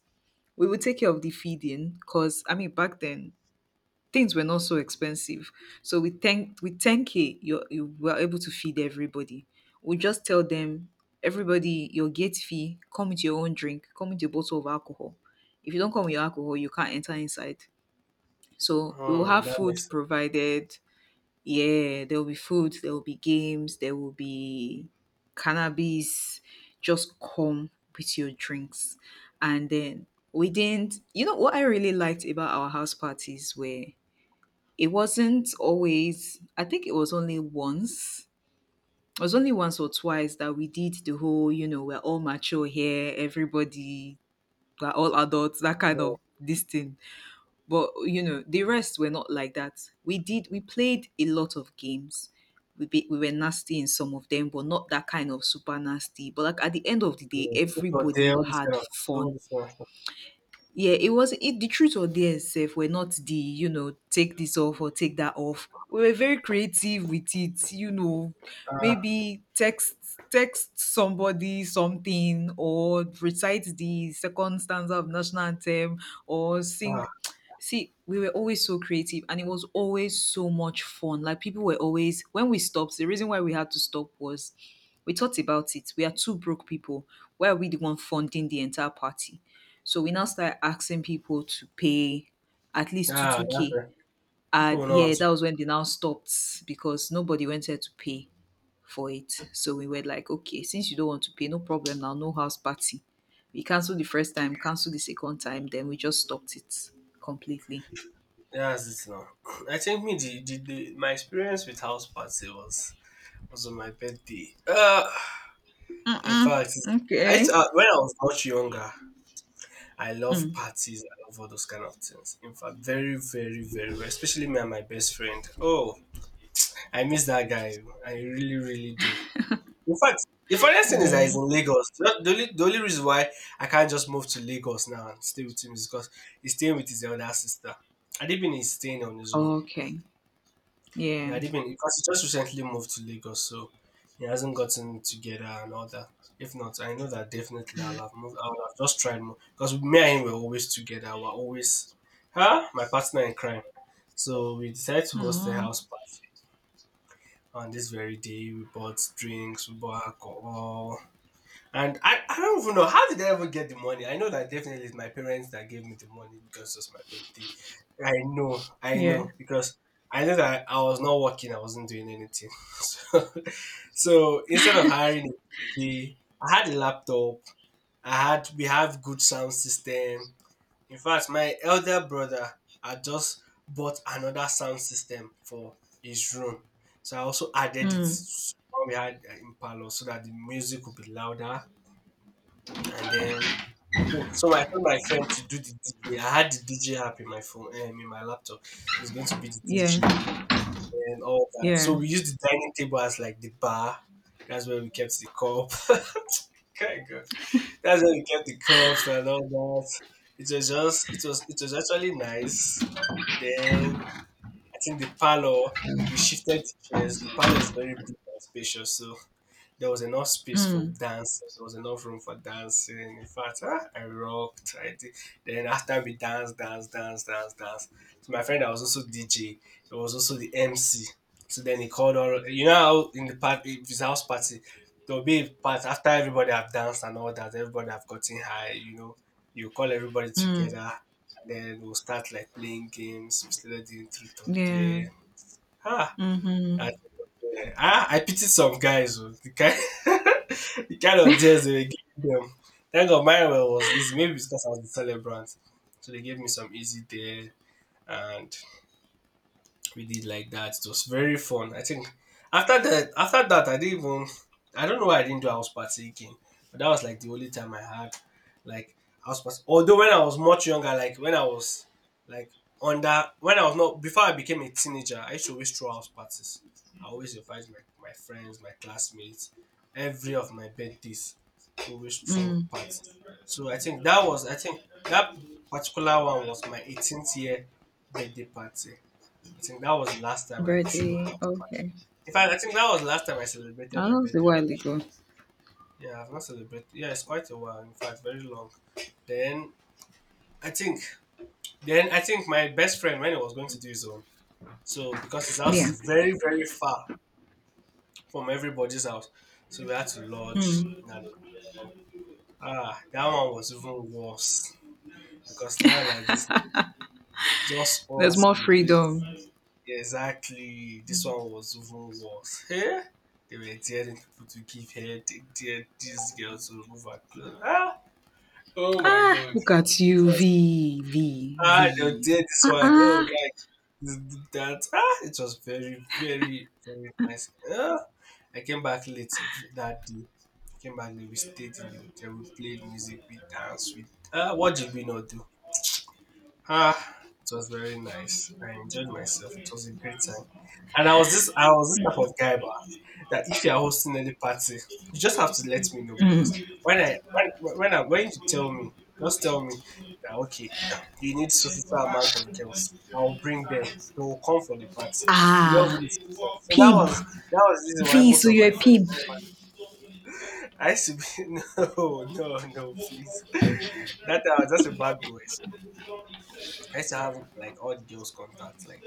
we would take care of the feeding, because I mean, back then things were not so expensive. So with 10K you were able to feed everybody. We just tell them, everybody, your gate fee, come with your own drink, come with your bottle of alcohol. If you don't come with your alcohol, you can't enter inside. So we will
hmm,
have
that makes
food
sense.
provided. Yeah, there will be food, there will be games, there will be cannabis. Just come with your drinks. And then we didn't, you know, what I really liked about our house parties were it wasn't always. I think it was only once. It was only once or twice that we did the whole, you know, we're all mature here, everybody, we're all adults, that kind
Yeah,
of this thing. But you know, the rest were not like that. We played a lot of games. We were nasty in some of them, but not that kind of super nasty. But like, at the end of the day,
yeah. Truth or dare,
everybody
all this
had
kind of
fun.
stuff.
Yeah, it was it, the truth or dare sef were not the, you know, take this off or take that off. We were very creative with it, you know.
Ah,
Maybe text somebody something, or recite the second stanza of national anthem, or
ah,
sing. See, we were always so creative, and it was always so much fun. Like, people were always, when we stopped, the reason why we had to stop was we thought about it. We are two broke people. Why are we the one funding the entire party? So we now started asking people to pay at least two
ah,
two
that's
K.
right. People
And
will not want
yeah,
to.
that was when they now stopped, because nobody wanted to pay for it. So we were like, okay, since you don't want to pay, no problem now, no house party. We cancelled the first time, cancelled the second time, then we just stopped it completely.
That's it now. (clears throat) I think me the my experience with house party was on my birthday. In
Mm-mm.
fact, I
Okay.
when I was much younger, I love
Mm.
parties. I love all those kind of things. In fact, very very very well, especially me and my best friend. Oh, I miss that guy. I really really do. In fact, the funniest thing is that he's
Oh.
in Lagos. The only reason why I can't just move to Lagos now and stay with him is because he's staying with his elder sister. Adibin is staying on his own.
Okay.
He
Yeah.
had even because he just recently moved to Lagos, so he hasn't gotten together and all that. If not, I know that definitely I'll have moved. I would have just tried more because me and him were always together. We're always, huh? My partner in crime. So we decided to host a
Oh.
house party on this very day. We bought drinks, we bought alcohol, and I don't even know how did I ever get the money. I know that definitely it's my parents that gave me the money because it was my birthday. I know, I
Yeah.
know, because I know that I was not working, I wasn't doing anything. (laughs) So, so, instead of hiring a D J, I had a laptop. I had We have good sound system. In fact, my elder brother had just bought another sound system for his room. So I also added it
Mm.
when we had in parlor so that the music would be louder, and then I think so I told my friend to do the DJ. I had the DJ app in my phone, in my laptop. So it's going to be the DJ
Yeah.
and all that. So
Yeah.
we used the dining table as like the bar. That's where we kept the cup. (laughs) Kind God. That's where we kept the cups and all that. It was just it was actually nice. Then I think the parlor we shifted the chairs. The parlor is very big and spacious, so there was enough space for
Mm.
dancing. There was enough room for dancing. In fact, I rocked. I did. Then after we danced, danced, danced, danced, danced. So my friend that was also DJ, he was also the MC. So then he called all. You know how in the party, his house party, there'll be a part after everybody have danced and all that. Everybody have gotten high. You know, you call everybody
Mm.
together, and then we'll start like playing games. We started doing truth or
Yeah.
dare. Ah,
Mm-hmm.
I pity some guys, oh. The kind, (laughs) the kind of deals they were giving them. Thank God mine was easy. Maybe it's because I was the celebrant. So they gave me some easy there. And we did like that. It was very fun. I think after that, I didn't even. I don't know why I didn't do house party again, but that was like the only time I had like house party. Although when I was much younger, like when I was like under when I was not before I became a teenager, I used to always throw house parties. I always invite my friends, my classmates, every of my birthdays. I always throw
Mm.
parties. So I think that particular one was my 18th year birthday party. I think that was the last time I threw house
Birthday.
party.
Okay.
In fact, I think that was the last time I
Oh,
celebrated
that
my
was a
birthday. I've
while
not-
ago.
Yeah, I've not celebrated. Yeah, it's quite a while. In fact, very long. Then I think, I think my best friend when he was going to do his own. So because his house
Yeah.
is very very far from everybody's house, so we had to lodge in an hotel. Ah, that one was even worse because now like this, it's just
There's
us
more
in the place.
freedom.
Exactly. This one was even worse. (laughs) Eh? They were daring people to give head. They dared this girl to remove her clothes. Ah! Oh my
Ah,
god. It
look at you,
was-
V, V,
ah, they were
V.
dared this
Ah,
one. Oh,
ah.
yeah, this, that. Ah, it was very, very, very nice. Ah, I came back late that day. I came back late. We stayed in the hotel. We played music. We danced. What did we not do? Ah, it was very nice. I enjoyed myself. It was a great time. And I was this type
Mm.
of guy bah, that if you are hosting any party, you just have to let me know because when I when you tell me, just tell me that okay, you need so so so amount of girls. I'll bring them. They will come for the party. You don't
Ah,
really stress. So that
pimp.
was that was the reason why
V,
most
so
of my
you're a
friends.
pib.
(laughs) I used to be. (laughs) No, no, no, please. That time I was just a bad boy. I used to have like all the girls' contacts. Like,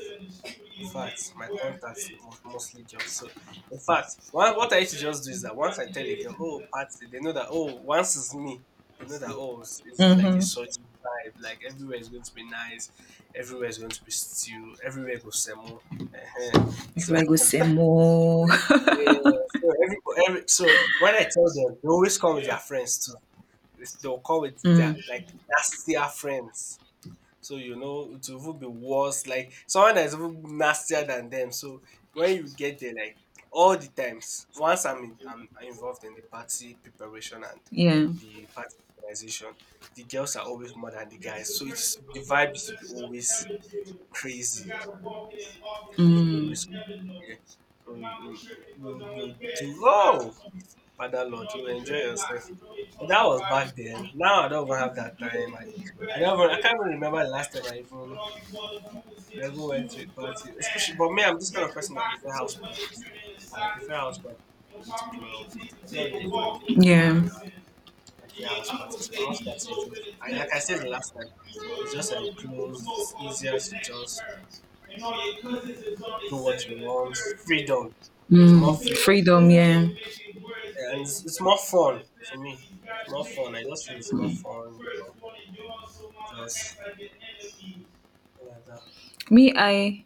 in fact, my contacts was mostly girls. So, in fact, one, what I used to just do is that once I tell a girl, oh, party, they know that, oh, once it's me, they know that, oh, it's like a
Mm-hmm.
such vibe. Like, everywhere is going to be nice. Everywhere is going to be stew. Everywhere goes semo. uh
If
So,
I go
(laughs)
say more. (laughs)
yeah. So, when I tell them, they always come with their friends too. They'll come with their,
Mm,
like, that's their friends, so you know it will even be worse, like someone that is even nastier than them. So when you get there, like all the times, once I'm in, I'm involved in the party preparation and
yeah.
the party organization, the girls are always more than the guys. So it's, the vibe is to be always crazy. People be always, yeah. So you do, oh, Father Lord, you enjoy yourself. But that was back then. Now I don't even have that time. I don't even, I can't even remember the last time I even went to a party, especially. But me, I'm this kind of person that prefer house parties. I prefer house parties going to club. I'm not really a fan of club. I prefer house parties. But house parties, is just, I like I said the last time, it's just enclosed. It's easier to just do what you want. Freedom. There's more
Mm,
freedom
freedom,
there,
yeah.
and it's more fun for me. It's more fun. I just feel it's more
Mm.
fun. You know, just like that.
Me,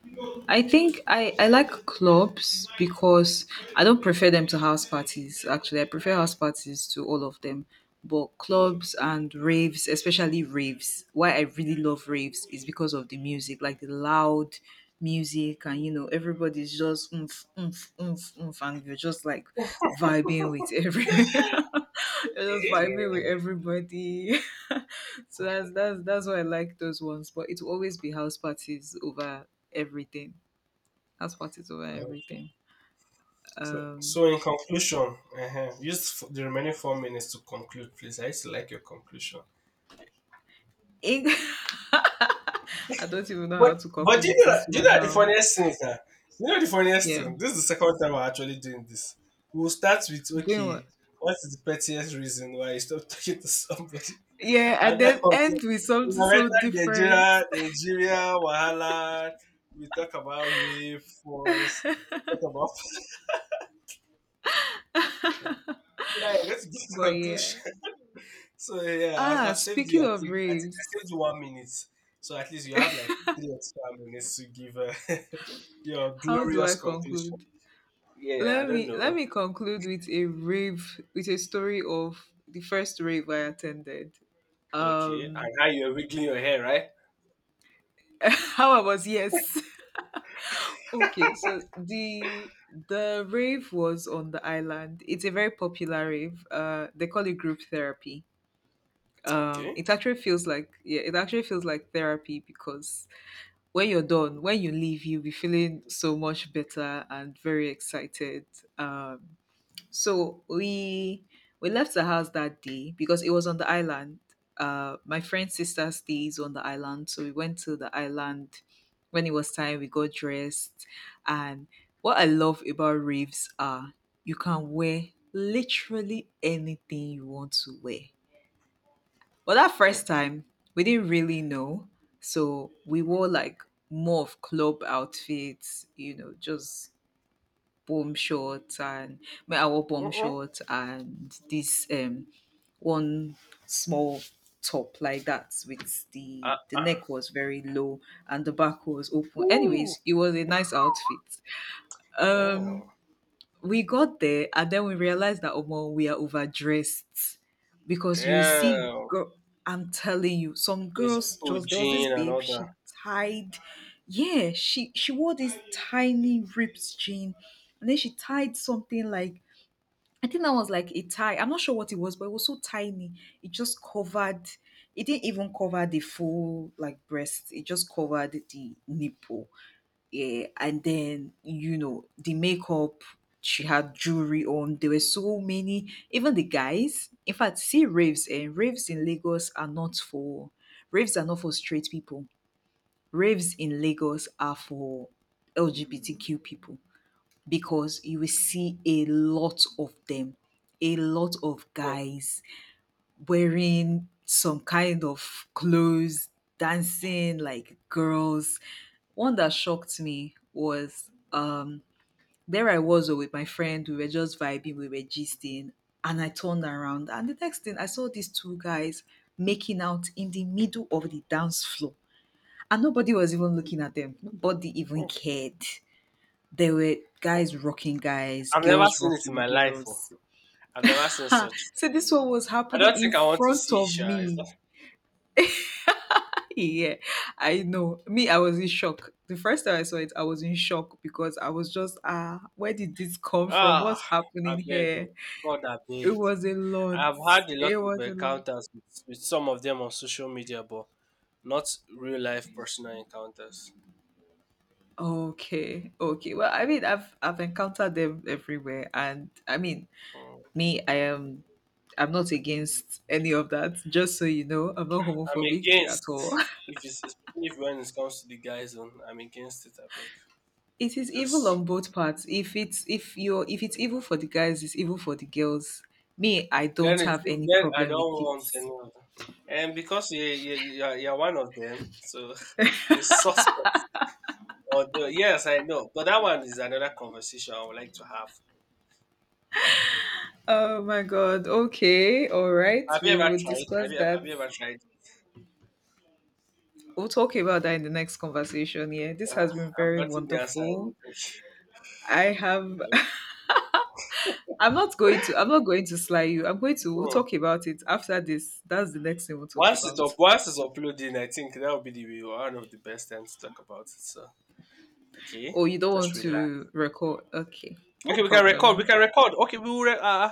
I think, I like clubs because I don't prefer them to house parties. Actually, I prefer house parties to all of them. But clubs and raves, especially raves, why I really love raves is because of the music, like the loud music, and you know, everybody's just oomph, oomph, oomph, oomph, and you're just like vibing with every, (laughs) you're just vibing
Yeah.
with everybody. (laughs) So that's why I like those ones. But it will always be house parties over everything. House parties over
Yeah, yeah.
everything.
So,
Um,
so in conclusion, use the remaining 4 minutes to conclude, please. I used to like your conclusion.
Eng- (laughs) I don't even know
But
how to
but do
conclude
you know
this
do you
one
know the
now.
funniest thing, sir? You know the funniest
Yeah,
thing. This is the second time we're actually doing this. We'll start with,
doing what?
okay, what is the pettiest reason why you stopped talking to somebody?
Yeah,
(laughs) And
and
then
then
from there,
end with
we
something
have
so
entered
different.
Nigeria,
(laughs)
Nigeria, Wahala. We talk about rape, force, talk about. (laughs) So now you're going to give
But yeah.
conclusion. So yeah, I've saved you.
Speaking
I
of
think I think I
raves,
saved you 1 minute. So at least you have like 3 extra minutes to give (laughs) your
how do
glorious
I
conclusion.
conclude?
Yeah, I don't
Let
know.
me conclude with a rave, with a story of the first rave I attended.
Okay,
Um
and how you're wiggling your hair, right?
(laughs) how I was, yes. Okay, so the rave was on the island. It's a very popular rave. They call it group therapy.
Okay.
It actually feels like, yeah, it actually feels like therapy, because when you're done, when you leave, you'll be feeling so much better and very excited. Um, so we left the house that day because it was on the island. My friend's sister stays on the island, so we went to the island. When it was time, we got dressed, and what I love about raves are you can wear literally anything you want to wear. But that
Hmm.
first time, we didn't really know, so we wore like more of club outfits, you know, just bomb shorts, and my I wore bomb
Uh-uh.
shorts and this one small top like that, with
Uh-uh.
the neck was very low and the back was open.
Ooh,
Anyways, it was a nice outfit.
damn,
Um we got there, and then we realized that, oh well, we are overdressed, because you will see
damn.
girl, I'm telling you, some
This
girls just, there was this
Eugene and
babe,
all that.
she tied yeah, she wore this tiny ripped jean, and then she tied something like, I think that was like a tie, I'm not sure what it was, but it was so tiny. It just covered, it didn't even cover the full like breast, it just covered the nipple. Yeah, and then you know the makeup, she had jewelry on. There were so many, even the guys, in fact, see, raves in Lagos are not for, raves are not for straight people. Raves in Lagos are for LGBTQ people, because you will see a lot of them, a lot of
Hmm.
guys wearing some kind of clothes, dancing like girls. One that shocked me was, there I was, oh, with my friend, we were just vibing, we were gisting, and I turned around, and the next thing I saw these two guys making out in the middle of the dance floor. And nobody was even looking at them. Nobody even
Hmm.
cared. There were
Hmm.
guys rocking guys,
I've never
girls
seen it in
rocking
my life. Oh.
girls.
I've never seen such.
(laughs) So this one was
I
happening
don't
in
think I want to
front
see
of
Sha. It's not,
me. Yeah, I know. Me, I was in shock. The first time I saw it, I was in shock, because I was just, ah, where did this come from?
ah,
What's
I
happening
beg you.
here?
God, I
It
beg.
was a lot.
I have had a lot
It
of
was a lot.
encounters with some of them on social media, but not real life personal encounters.
Okay, okay. Well, I mean, I've encountered them everywhere, and I mean,
Mm.
me, I'm not against any of that. Just so you know, I'm not
I'm
homophobic at
against,
all.
if it's, especially if when it comes to the guy zone, I'm against it. I beg.
It is evil
Just
on both parts. If you're, if it's evil for the guys, it's evil for the girls. Me, I don't
then it's
have
if
any
then I
problem
don't
with
want any
it.
other. And because you're one of them, so (laughs) you're suspect. Although yes, I know, but that one is another conversation I would like to have.
Oh my god. Okay. All right.
Have you
We
ever
will
tried? Have
discuss
you, have
that.
you ever tried?
We'll talk about that in the next conversation. Yeah. This
Uh,
has been
I've
very
gotten the answer I need.
wonderful. I have.
Okay.
(laughs) I'm not going to sly you. I'm going to we'll
Hmm.
talk about it after this. That's the next thing we'll talk
Once it's up,
about.
once it's uploading, I think that would be the one of the best times to talk about it. So, okay,
Oh, you don't
just
want
relax.
to record. Okay. No
Okay, we can record. We
problem.
can record. Okay, we will.